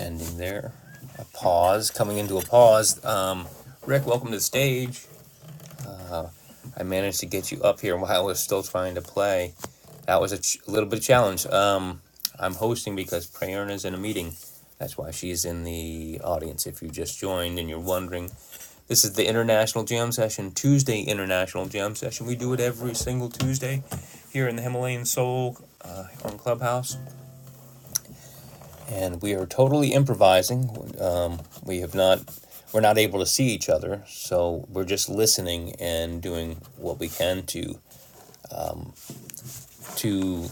ending there. A pause, coming into a pause. Um, Rick, welcome to the stage. I managed to get you up here while I was still trying to play. That was a ch- little bit of challenge. Um, I'm hosting because Prayerna's in a meeting. That's why she's in the audience. If you just joined and you're wondering, this is the International Jam Session, Tuesday International Jam Session. We do it every single Tuesday here in the Himalayan Soul uh, on Clubhouse. And we are totally improvising. Um, we have not, we're not able to see each other. So we're just listening and doing what we can to to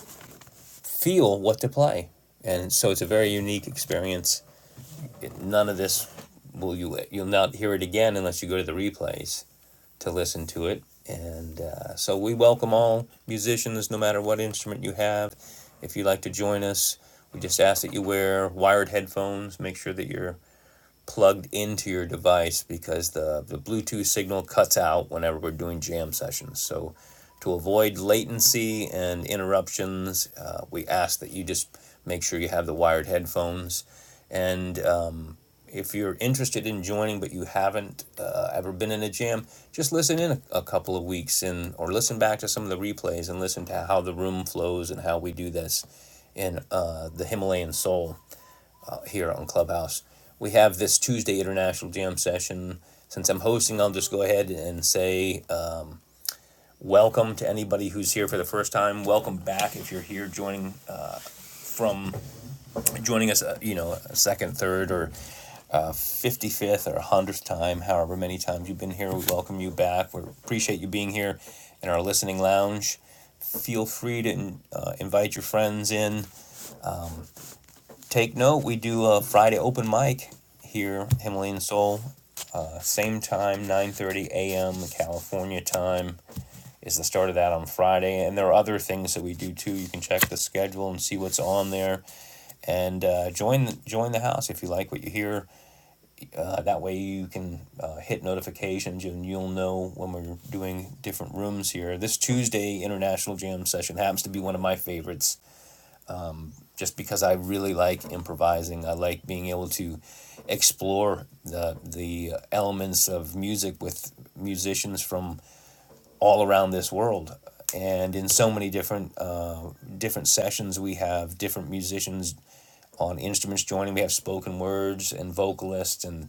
feel what to play. And so it's a very unique experience. None of this will you you'll not hear it again unless you go to the replays to listen to it. And uh, so we welcome all musicians, no matter what instrument you have. If you'd like to join us, we just ask that you wear wired headphones. Make sure that you're plugged into your device because the, the Bluetooth signal cuts out whenever we're doing jam sessions. So, to avoid latency and interruptions, uh, we ask that you just make sure you have the wired headphones. And um, if you're interested in joining but you haven't uh, ever been in a jam, just listen in a, a couple of weeks and or listen back to some of the replays and listen to how the room flows and how we do this in uh, the Himalayan soul here on Clubhouse. We have this Tuesday International Jam session. Since I'm hosting, I'll just go ahead and say uh, welcome to anybody who's here for the first time. Welcome back if you're here joining uh, from joining us, uh, you know, a second, third, or fifty fifth or one hundredth time, however many times you've been here. We welcome you back. We appreciate you being here in our listening lounge feel free to uh, invite your friends in. Take note, we do a Friday open mic here, Himalayan Soul, Same time, 9:30 a.m. California time is the start of that on Friday, and there are other things that we do too. You can check the schedule and see what's on there, and uh, join the, join the house if you like what you hear. Uh, that way you can uh, hit notifications and you'll know when we're doing different rooms here. This Tuesday International Jam session happens to be one of my favorites just because I really like improvising. I like being able to explore the the elements of music with musicians from all around this world. And in so many different uh, different sessions, we have different musicians on instruments joining. We have spoken words and vocalists and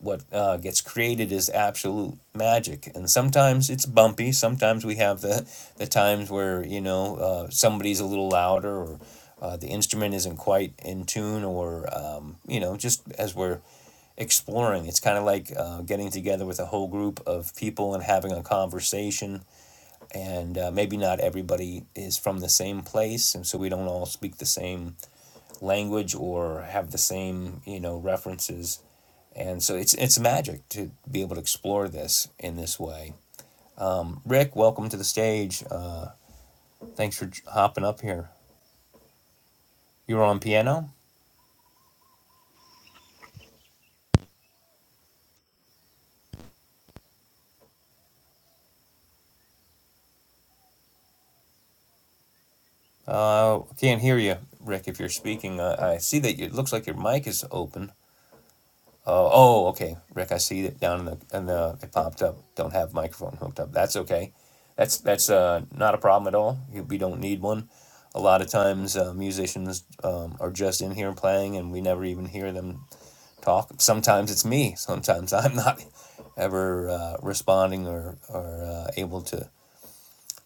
what uh, gets created is absolute magic and sometimes it's bumpy sometimes we have the, the times where you know uh, somebody's a little louder or uh, the instrument isn't quite in tune or um, you know just as we're exploring it's kind of like uh, getting together with a whole group of people and having a conversation and uh, maybe not everybody is from the same place and so we don't all speak the same language or have the same you know references and so it's it's magic to be able to explore this in this way rick welcome to the stage uh, thanks for hopping up here you're on piano uh, can't hear you rick if you're speaking uh, i see that you- it looks like your mic is open Oh, oh, okay, Rick, I see it down in the, in the, it popped up. Don't have microphone hooked up. That's okay. That's, that's, uh, not a problem at all. You- We don't need one. A lot of times, uh, musicians, um, are just in here playing and we never even hear them talk. Sometimes it's me. Sometimes I'm not ever, uh, responding or, or, uh, able to,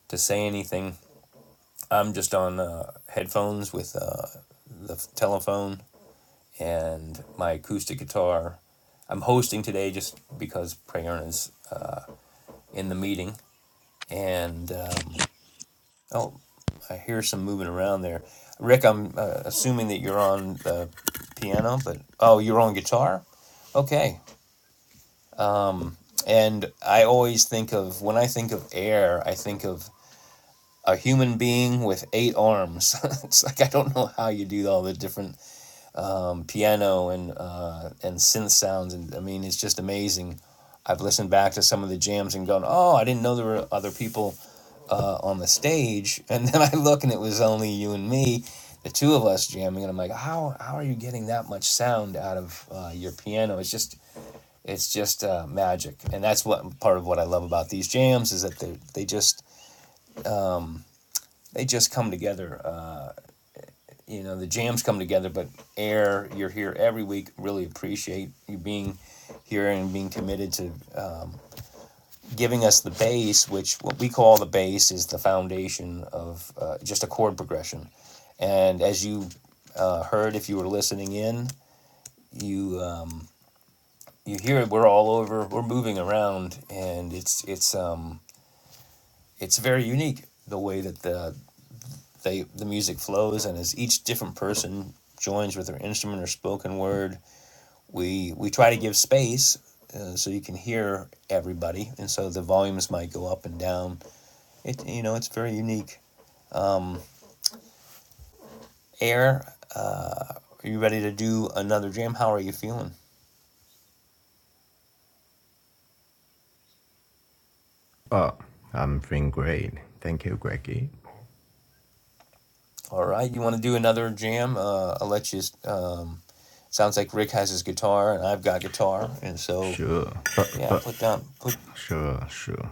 to say anything. I'm just on, uh, headphones with, uh, the telephone and my acoustic guitar. I'm hosting today just because Prayern is in the meeting. And um, oh, I hear some moving around there. Rick, I'm uh, assuming that you're on the piano, but oh, you're on guitar? Okay. And I always think of, when I think of air, I think of a human being with eight arms. it's like, I don't know how you do all the different piano and uh, and synth sounds, and I mean it's just amazing. I've listened back to some of the jams and gone, oh, I didn't know there were other people uh, on the stage, and then I look and it was only you and me, the two of us jamming, and I'm like, how how are you getting that much sound out of uh, your piano? It's just it's just uh, magic, and that's what part of what I love about these jams is that they they just they just come together uh, you know the jams come together but air you're here every week really appreciate you being here and being committed to uh, giving us the base which what we call the base is the foundation of uh, just a chord progression and as you uh, heard if you were listening in you um, you hear it we're all over we're moving around and it's it's um it's very unique the way that the they the music flows and as each different person joins with their instrument or spoken word we we try to give space uh, so you can hear everybody, and so the volumes might go up and down. It you know it's very unique. Air, are you ready to do another jam? How are you feeling?
Oh, I'm feeling great. Thank you, Greggy.
All right, you want to do another jam? Uh, I'll let you. Um, sounds like Rick has his guitar and I've got guitar, and so
Sure, but,
yeah,
but,
put down put.
sure, sure.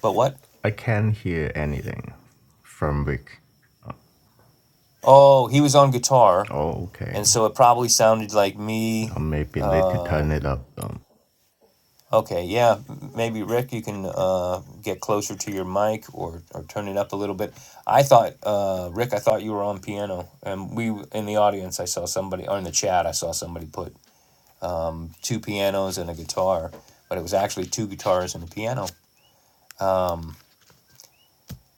But what?
I can't hear anything from Rick.
Oh, he was on guitar,
Oh, okay.
and so it probably sounded like me.
Or maybe later
Uh,
turn it up. Um,
Okay, yeah, m- maybe Rick, you can uh, get closer to your mic or or turn it up a little bit. I thought, uh, Rick, I thought you were on piano, and we w- in the audience, I saw somebody, or in the chat, I saw somebody put two pianos and a guitar, but it was actually two guitars and a piano.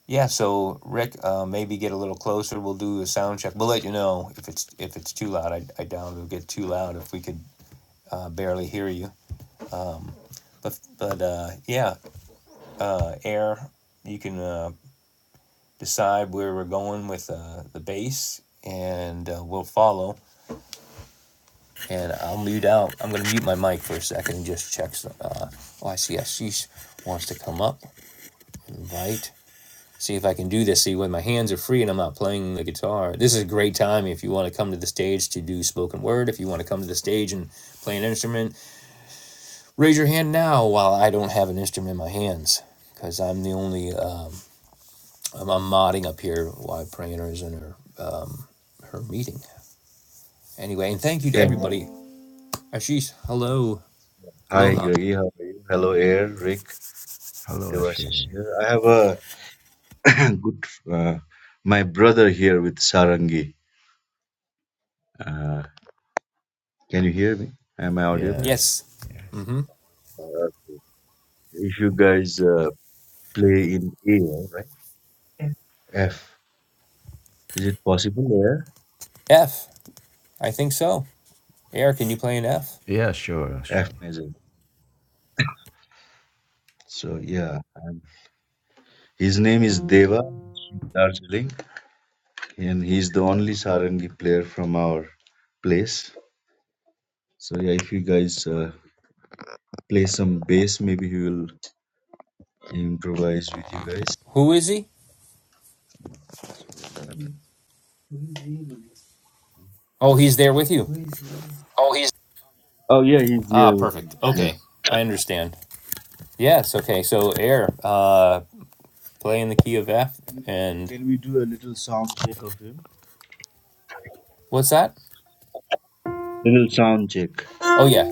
Yeah, so Rick, uh, maybe get a little closer. We'll do a sound check. We'll let you know if it's if it's too loud. I, I doubt it'll get too loud if we could uh, barely hear you. But but uh, yeah, uh, air. You can. Uh, decide where we're going with uh, the bass, and uh, we'll follow. And I'll mute out. I'm going to mute my mic for a second and just check. Some, uh, oh, I see. Ashish wants to come up. Invite. See if I can do this. See when my hands are free and I'm not playing the guitar. This is a great time if you want to come to the stage to do spoken word. If you want to come to the stage and play an instrument, raise your hand now while I don't have an instrument in my hands because I'm the only um, I'm, I'm modding up here while Prayer is in her um, her meeting. Anyway, and thank you to
Hey, man.
everybody. Ashish, hello.
hi
Aloha.
Greggy, how are you? Hello, Air, Rick,
Hello,
Devashish
Ashley.
here. I have a good uh, my brother here with Sarangi. Uh, can you hear me? Am I audible?
Yes,
Yes.
yes.
Mm-hmm.
Uh, if you guys uh, play in A, right? F. Is it possible, Air?
F. I think so. Eric, can you play an F?
Yeah, sure, sure.
F major. So yeah, um, his name is Deva he's from Darjeeling, and he's the only Sarangi player from our place. So yeah, if you guys uh, play some bass, maybe he will improvise with you guys.
Who is he? Oh, he's there with you. Ah, perfect.
Yeah.
Okay. I understand. Yes, okay. So air, uh play in the key of F
And
and
can we do a little sound check of him?
what's that?
Little sound check.
Oh yeah.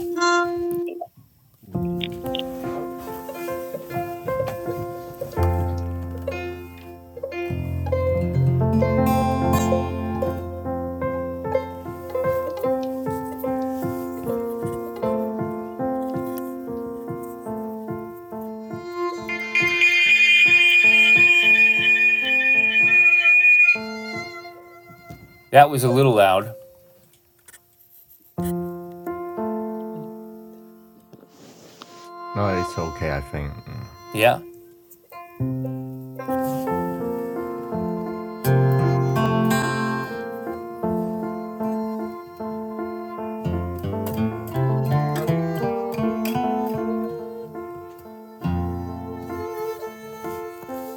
That was a little loud.
No, it's okay, I think. Mm.
Yeah?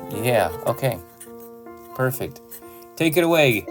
Yeah, okay. Perfect. Take it away.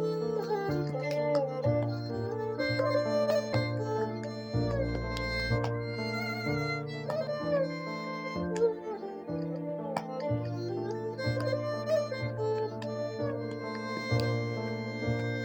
Thank you.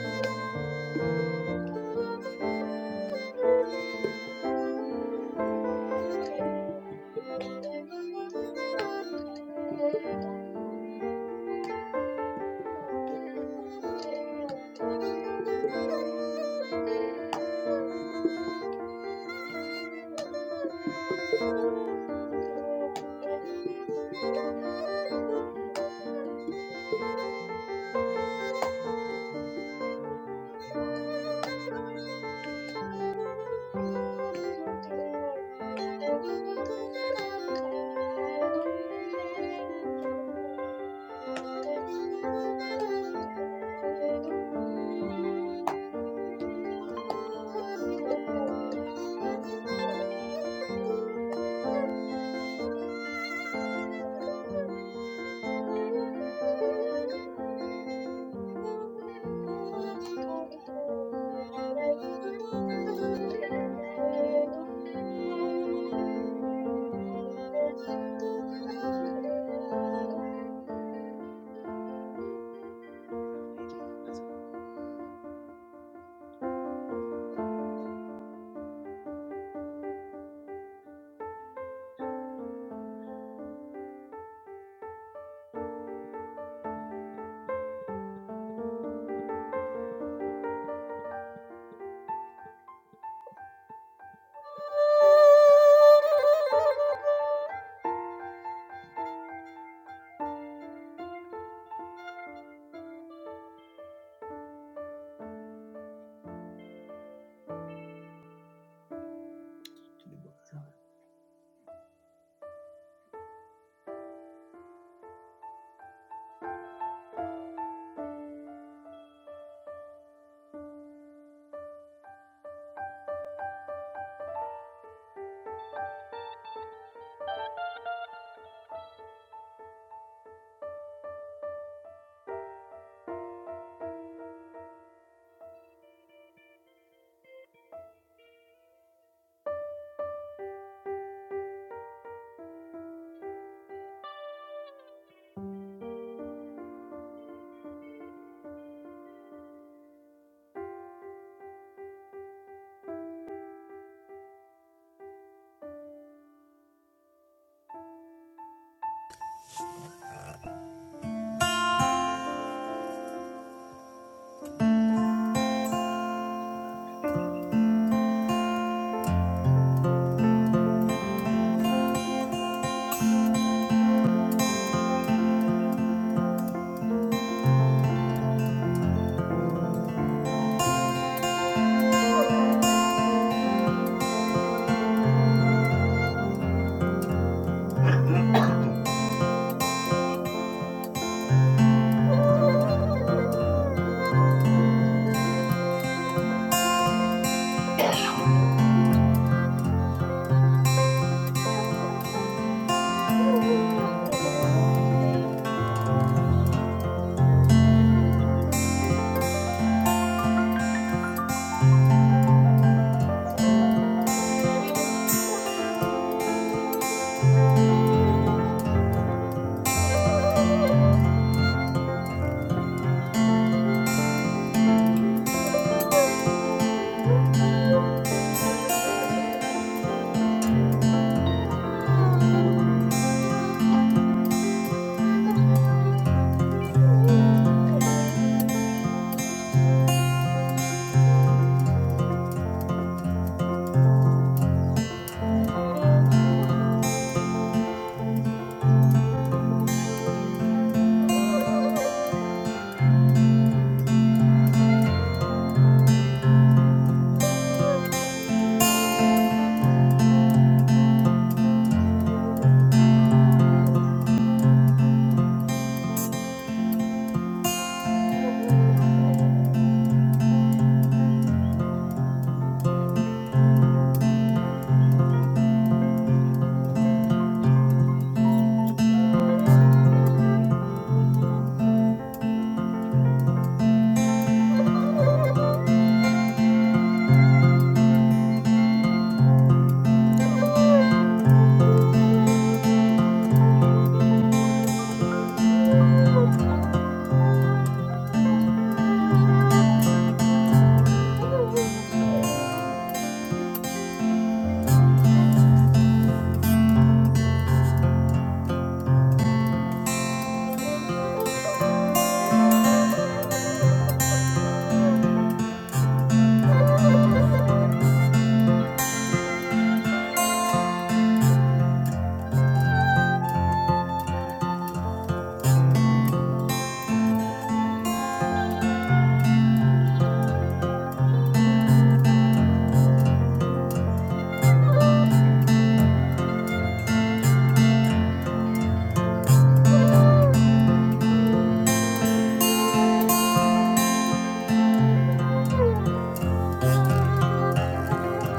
Oh.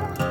Thank you.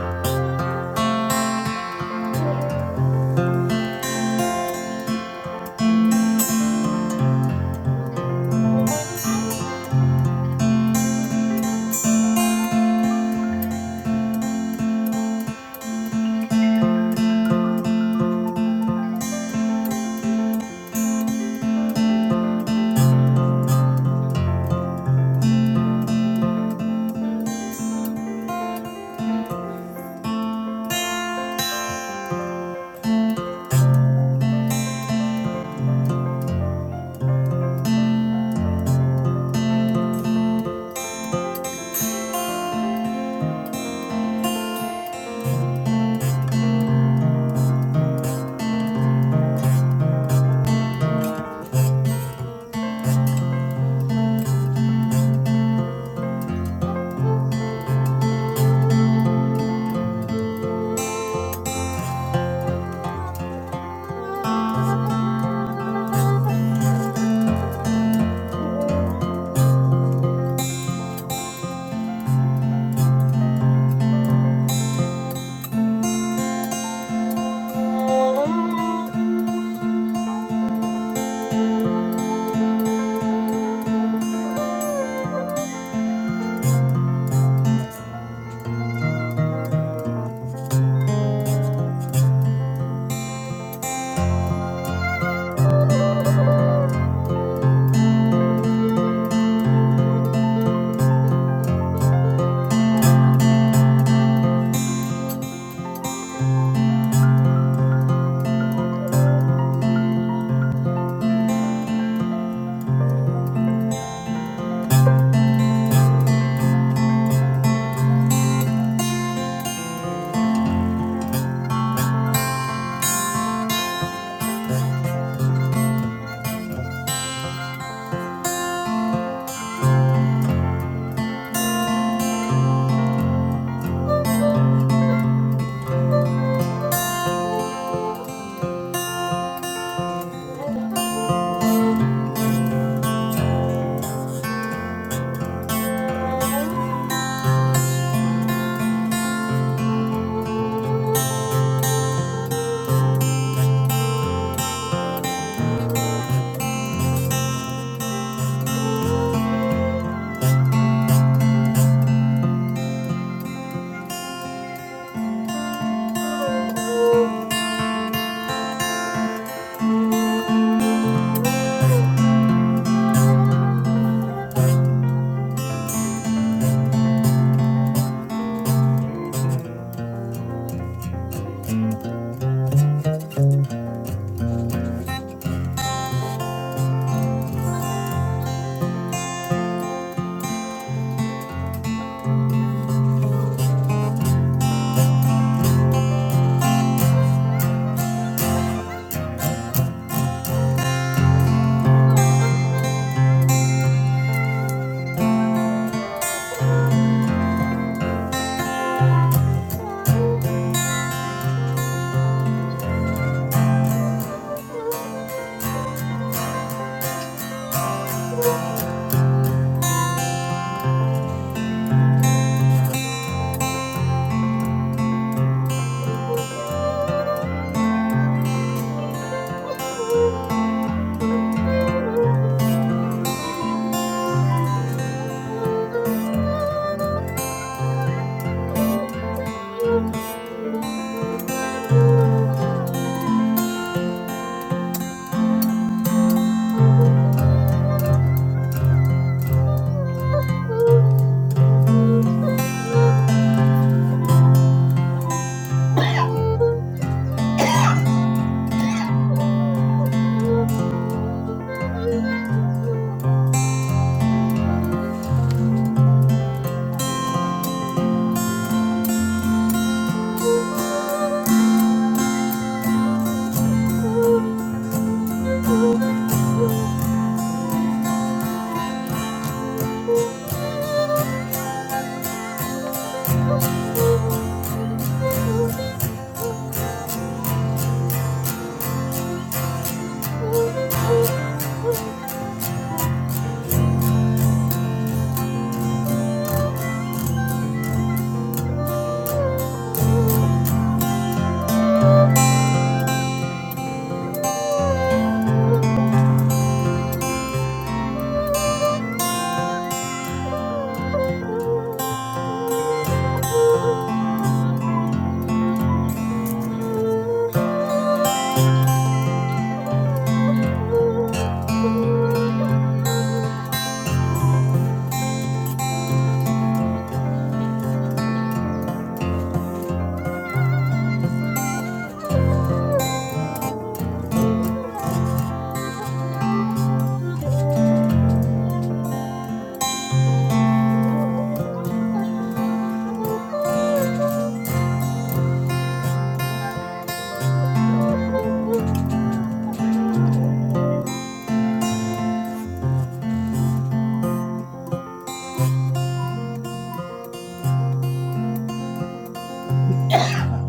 Ah,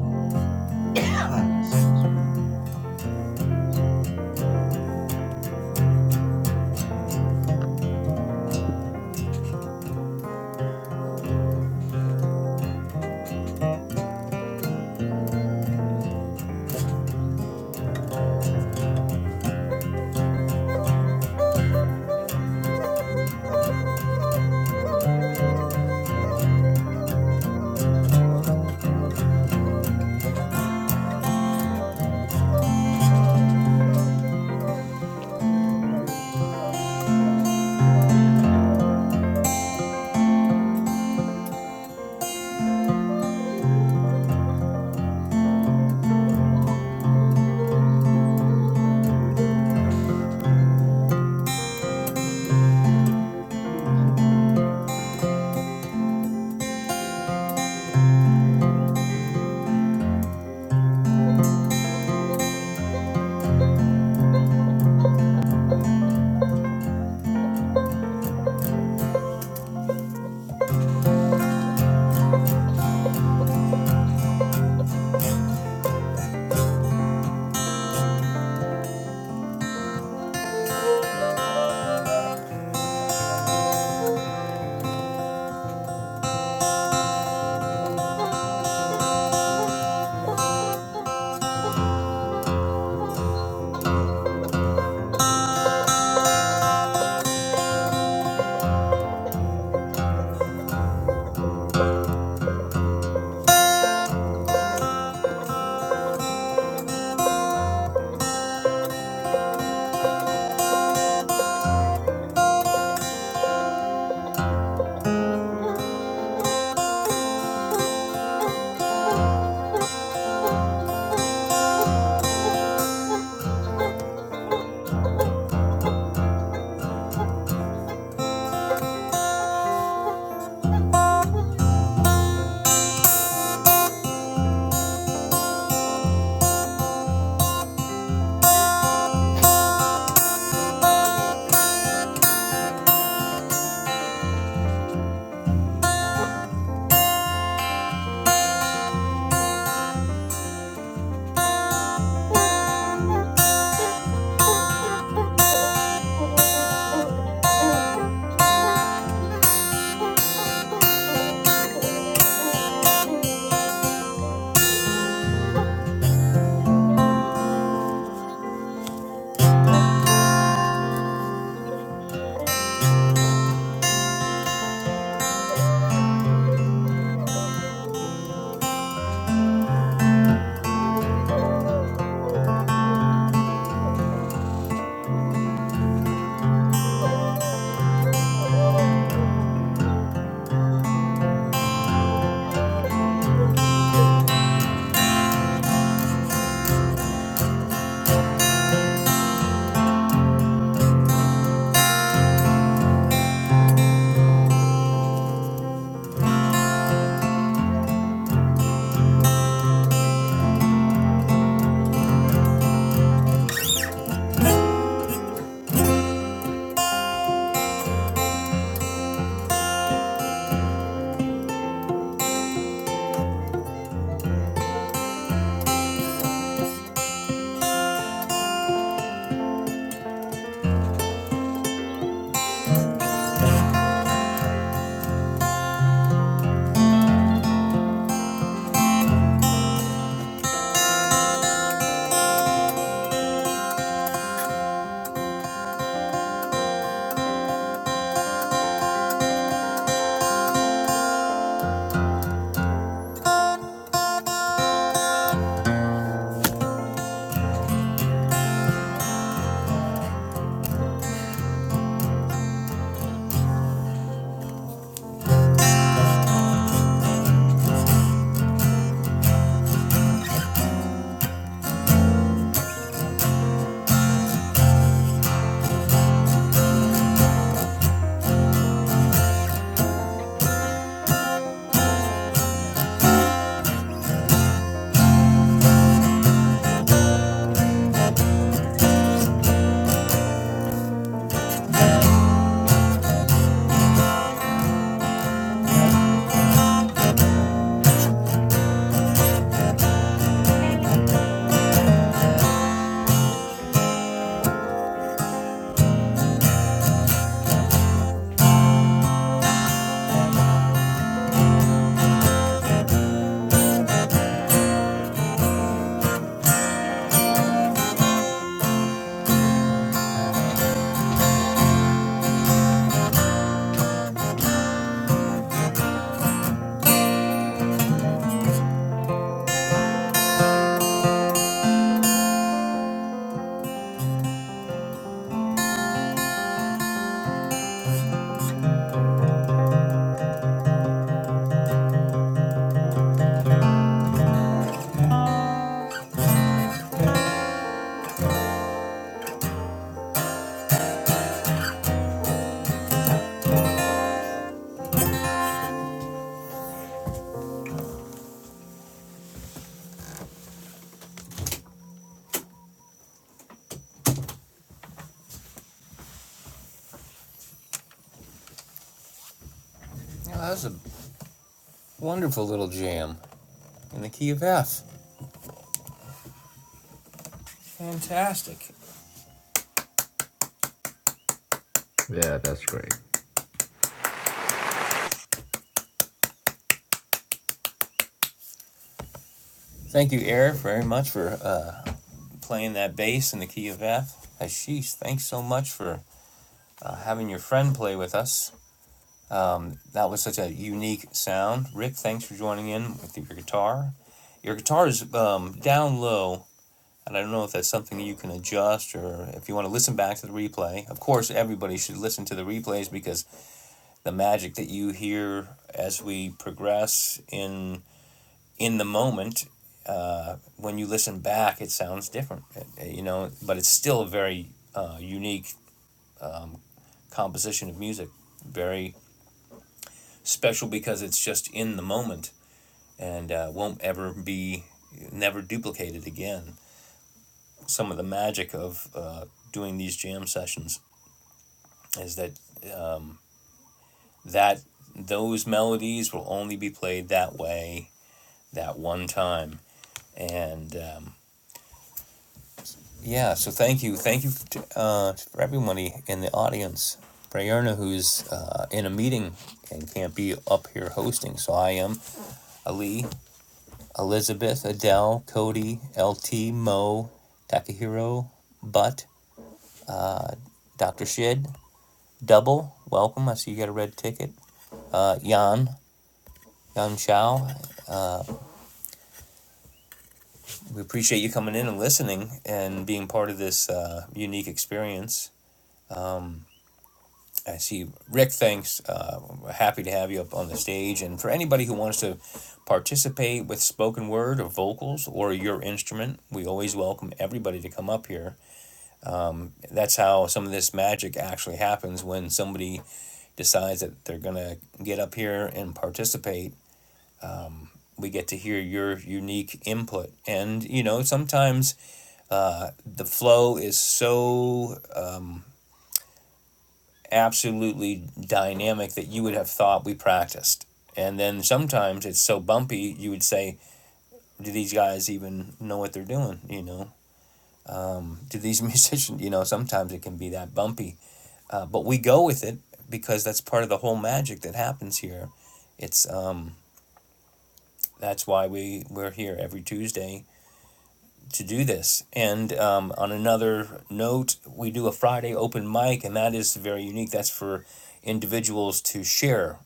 ah, Excuse me. So,
Thank
Yeah, that was a wonderful little jam in the key of F. Fantastic.
Yeah, that's great.
Thank you, Air, very much for uh, playing that bass in the key of F. Ashish, thanks so much for uh, having your friend play with us. Um, that was such a unique sound. Rick, thanks for joining in with your guitar. Your guitar is um, down low, and I don't know if that's something you can adjust or if you want to listen back to the replay. Of course, everybody should listen to the replays because the magic that you hear as we progress in in the moment when you listen back, it sounds different. It- you know, but it's still a very uh, unique composition of music. Very special because it's just in the moment and uh, won't ever be, never duplicated again. Some of the magic of uh, doing these jam sessions is that that those melodies will only be played that way that one time and um, yeah so thank you thank you to, uh, for everybody in the audience Prayerna, who's uh, in a meeting and can't be up here hosting so i am ali Elizabeth, Adele, Cody, LT, Mo, Takahiro, Butt, Dr. Shid, Double, welcome. I see you got a red ticket. Uh, Yan, Yan Chao, we appreciate you coming in and listening and being part of this uh, unique experience. I see Rick, thanks. Uh, we're happy to have you up on the stage. And for anybody who wants to participate with spoken word or vocals or your instrument, we always welcome everybody to come up here that's how some of this magic actually happens when somebody decides that they're going to get up here and participate we get to hear your unique input and you know sometimes uh, the flow is so absolutely dynamic that you would have thought we practiced and then sometimes it's so bumpy you would say do these guys even know what they're doing you know do these musicians you know sometimes it can be that bumpy Uh, but we go with it because that's part of the whole magic that happens here. It's um, that's why we we're here every Tuesday to do this. And um, on another note, we do a Friday open mic, and that is very unique. That's for individuals to share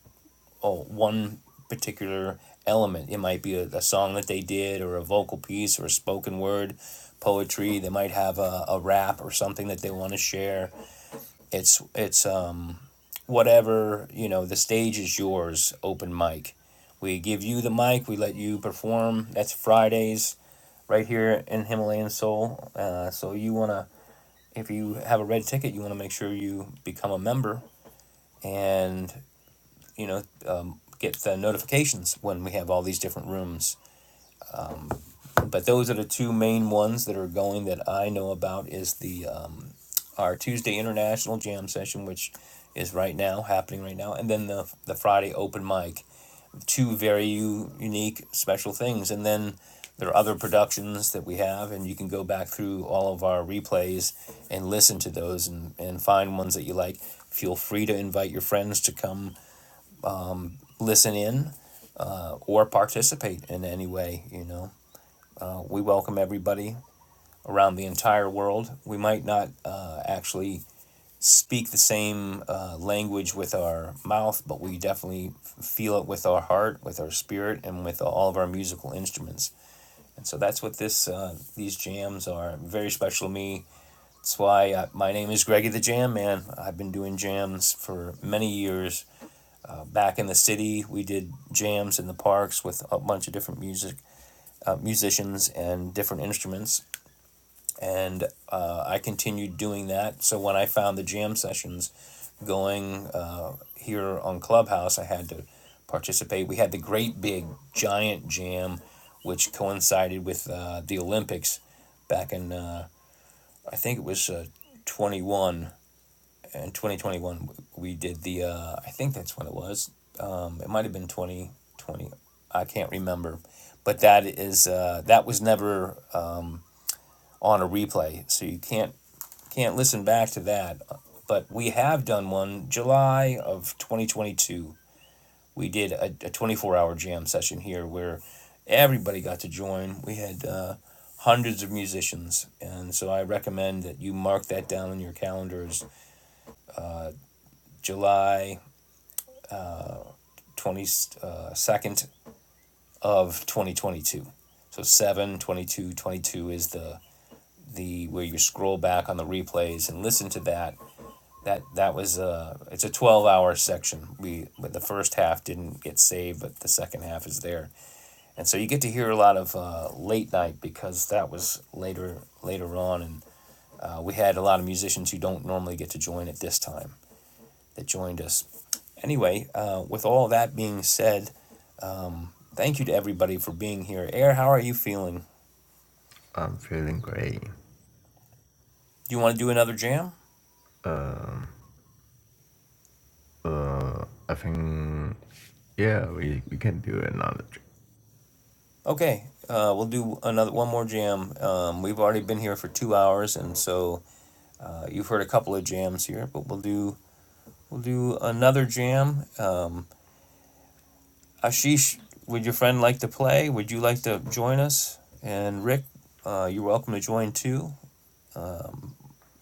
oh, one particular element. It might be a, a song that they did, or a vocal piece, or a spoken word, poetry. They might have a, a rap or something that they want to share. It's it's um, whatever, you know, the stage is yours, open mic. We give you the mic, we let you perform. That's Fridays right here in Himalayan Soul. Uh, so you want to, if you have a red ticket, you want to make sure you become a member and, you know, um, get the notifications when we have all these different rooms But those are the two main ones that are going that I know about is the um, our Tuesday International Jam Session, which is right now happening right now, and then the the Friday open mic. Two very u- unique, special things, and then there are other productions that we have, and you can go back through all of our replays and listen to those and, and find ones that you like. Feel free to invite your friends to come listen in or participate in any way. You know, uh, we welcome everybody. around the entire world. We might not uh, actually speak the same uh, language with our mouth, but we definitely feel it with our heart, with our spirit, and with all of our musical instruments. And so that's what this uh, these jams are very special to me. That's why uh, my name is Greggy the Jam Man. I've been doing jams for many years. Uh, back in the city, we did jams in the parks with a bunch of different music uh, musicians and different instruments and uh, I continued doing that. So when I found the jam sessions going uh, here on Clubhouse, I had to participate. We had the great big giant jam, which coincided with uh, the Olympics back in uh, I think it was uh, twenty one and twenty twenty one. We did the uh, I think that's when it was. Um, it might have been twenty twenty. I can't remember, but that is uh, that was never on a replay, so you can't can't listen back to that. But we have done one July of 2022. We did a, 24 hour jam session here where everybody got to join. We had uh, hundreds of musicians, and so I recommend that you mark that down in your calendars, July 22nd of 2022. So 7 22 22 is the the where you scroll back on the replays and listen to that that that was a it's a 12 hour section we but the first half didn't get saved but the second half is there and so you get to hear a lot of uh, late night because that was later later on and uh, we had a lot of musicians who don't normally get to join at this time that joined us anyway uh, with all that being said thank you to everybody for being here air how are you feeling
I'm feeling great.
do you want to do another jam
Um, uh, I think, yeah, we, we can do another trip.
okay uh, we'll do another one more jam um, we've already been here for two hours and so Uh, you've heard a couple of jams here, but we'll do we'll do another jam. Um, Ashish, would your friend like to play? Would you like to join us? And Rick, uh, you're welcome to join too.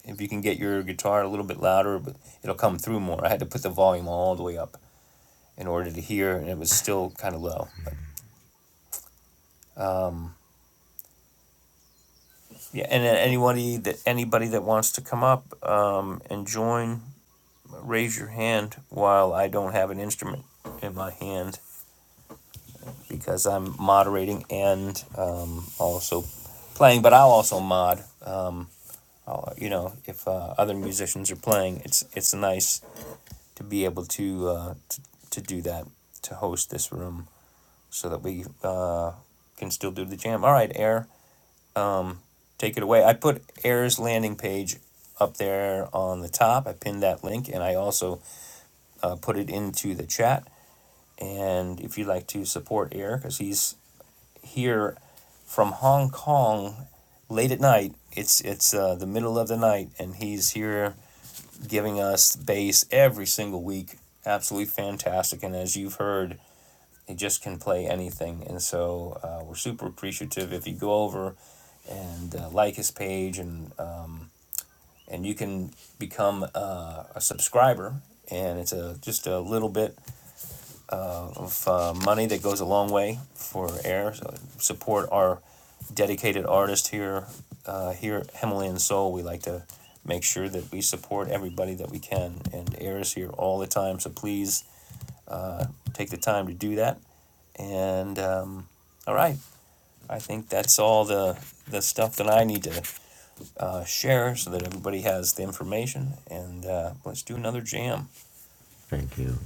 If you can get your guitar a little bit louder, but it'll come through more. I had to put the volume all the way up in order to hear, and it was still kind of low. But yeah, and anybody that anybody that wants to come up um, and join, raise your hand while I don't have an instrument in my hand. because I'm moderating and um, also playing, but I'll also mod. Um, I'll, you know, if uh, other musicians are playing, it's it's nice to be able to, uh, to to do that to host this room so that we uh, can still do the jam. All right, Air, take it away. I put Air's landing page up there on the top. I pinned that link and I also uh, put it into the chat. And if you'd like to support Air, because he's here from Hong Kong late at night. It's it's uh, the middle of the night, and he's here giving us bass every single week. Absolutely fantastic, and as you've heard, he just can play anything. And so uh, we're super appreciative if you go over and uh, like his page, and uh, and you can become uh, a subscriber. And it's a just a little bit uh, money that goes a long way for air. So support our dedicated artist here. Uh, here at Himalayan Soul, we like to make sure that we support everybody that we can, and air is here all the time. So please take the time to do that. And um, all right, I think that's all the the stuff that I need to uh, share so that everybody has the information. And uh, let's do another jam.
Thank you.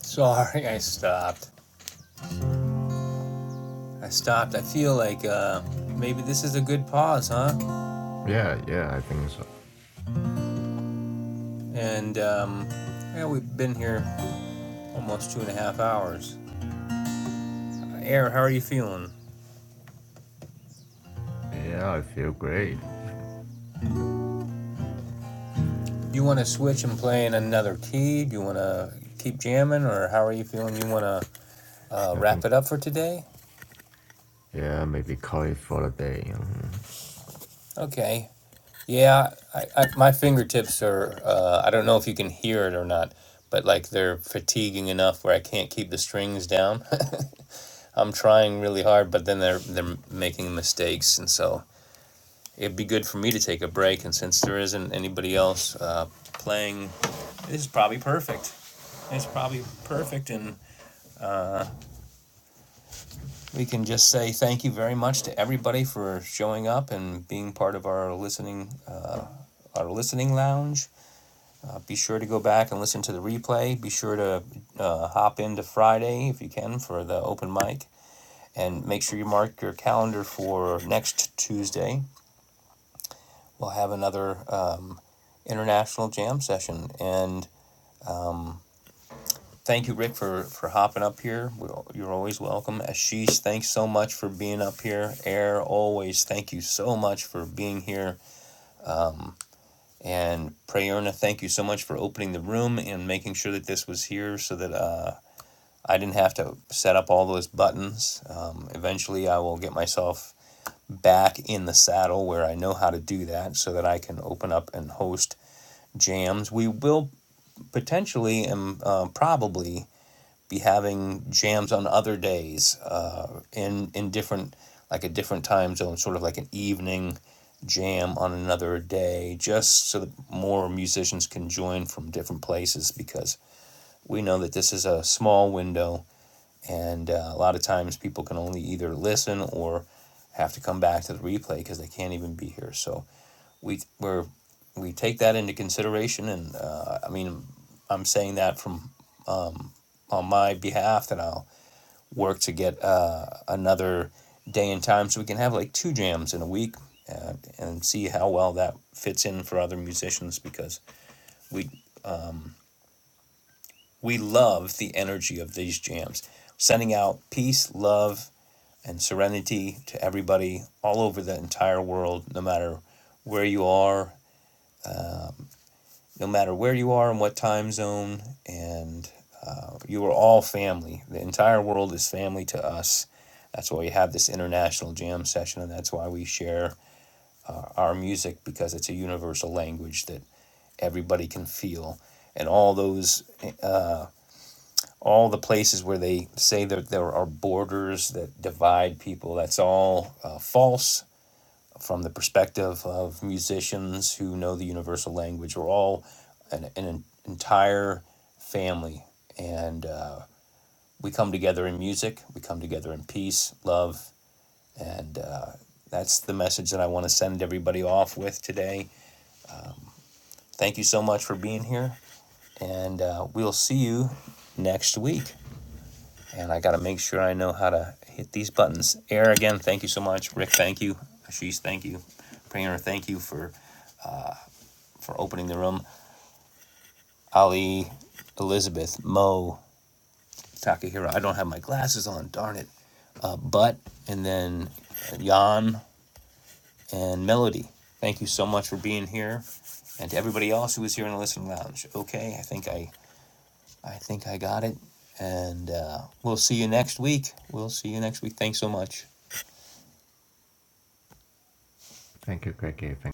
Sorry, I stopped. I stopped. I feel like uh, maybe this is a good pause, huh?
Yeah, yeah, I think so.
And um, yeah, we've been here almost two and a half hours. Aaron, how are you feeling?
Yeah, I feel great.
Do you want to switch and play in another key? Do you want to keep jamming, or how are you feeling? You want to uh,
I
wrap
think,
it up for today?
yeah, maybe call it for the day. Mhm.
Okay. Yeah, I, I, my fingertips are. Uh, I don't know if you can hear it or not, but like they're fatiguing enough where I can't keep the strings down. I'm trying really hard, but then they're they're making mistakes, and so it'd be good for me to take a break. And since there isn't anybody else uh, playing, this is probably perfect. It's probably perfect. And we can just say thank you very much to everybody for showing up and being part of our listening. Uh, our listening lounge. Uh, be sure to go back and listen to the replay. Be sure to uh, hop into Friday if you can for the open mic. And make sure you mark your calendar for next Tuesday. We'll have another um, international jam session. And Thank you, Rick, for, for hopping up here. We're, you're always welcome. Ashish, thanks so much for being up here. Air, always thank you so much for being here. And Prayerna, thank you so much for opening the room and making sure that this was here so that uh, I didn't have to set up all those buttons. Um, eventually, I will get myself back in the saddle where I know how to do that so that I can open up and host jams. We will potentially and um, uh, probably be having jams on other days uh, in in different like a different time zone, sort of like an evening jam on another day, just so that more musicians can join from different places because we know that this is a small window and uh, a lot of times people can only either listen or have to come back to the replay because they can't even be here. So we we're, we take that into consideration, and uh, I mean I'm saying that from on my behalf that I'll work to get uh, another day and time so we can have like two jams in a week uh, and see how well that fits in for other musicians because we we love the energy of these jams sending out peace love and serenity to everybody all over the entire world no matter where you are no matter where you are and what time zone. And uh, you are all family. The entire world is family to us. That's why we have this international jam session, and that's why we share our music because it's a universal language that everybody can feel. And all those, all the places where they say that there are borders that divide people, that's all uh, false from the perspective of musicians who know the universal language. We're all an, an entire family, and uh, we come together in music, we come together in peace, love, and uh, that's the message that I want to send everybody off with today. Thank you so much for being here, and uh, we'll see you next week. And I got to make sure I know how to hit these buttons. Air again, thank you so much. Rick, thank you. Ashish, thank you. Prayer, thank you for for opening the room. Ali, Elizabeth, Mo, Takahiro. I don't have my glasses on, darn it. Uh, but, and then Jan and Melody. Thank you so much for being here. And to everybody else who was here in the listening lounge. Okay, I think I, I think I got it. And uh, we'll see you next week. We'll see you next week. Thanks so much.
Thank you, Greggy. Thank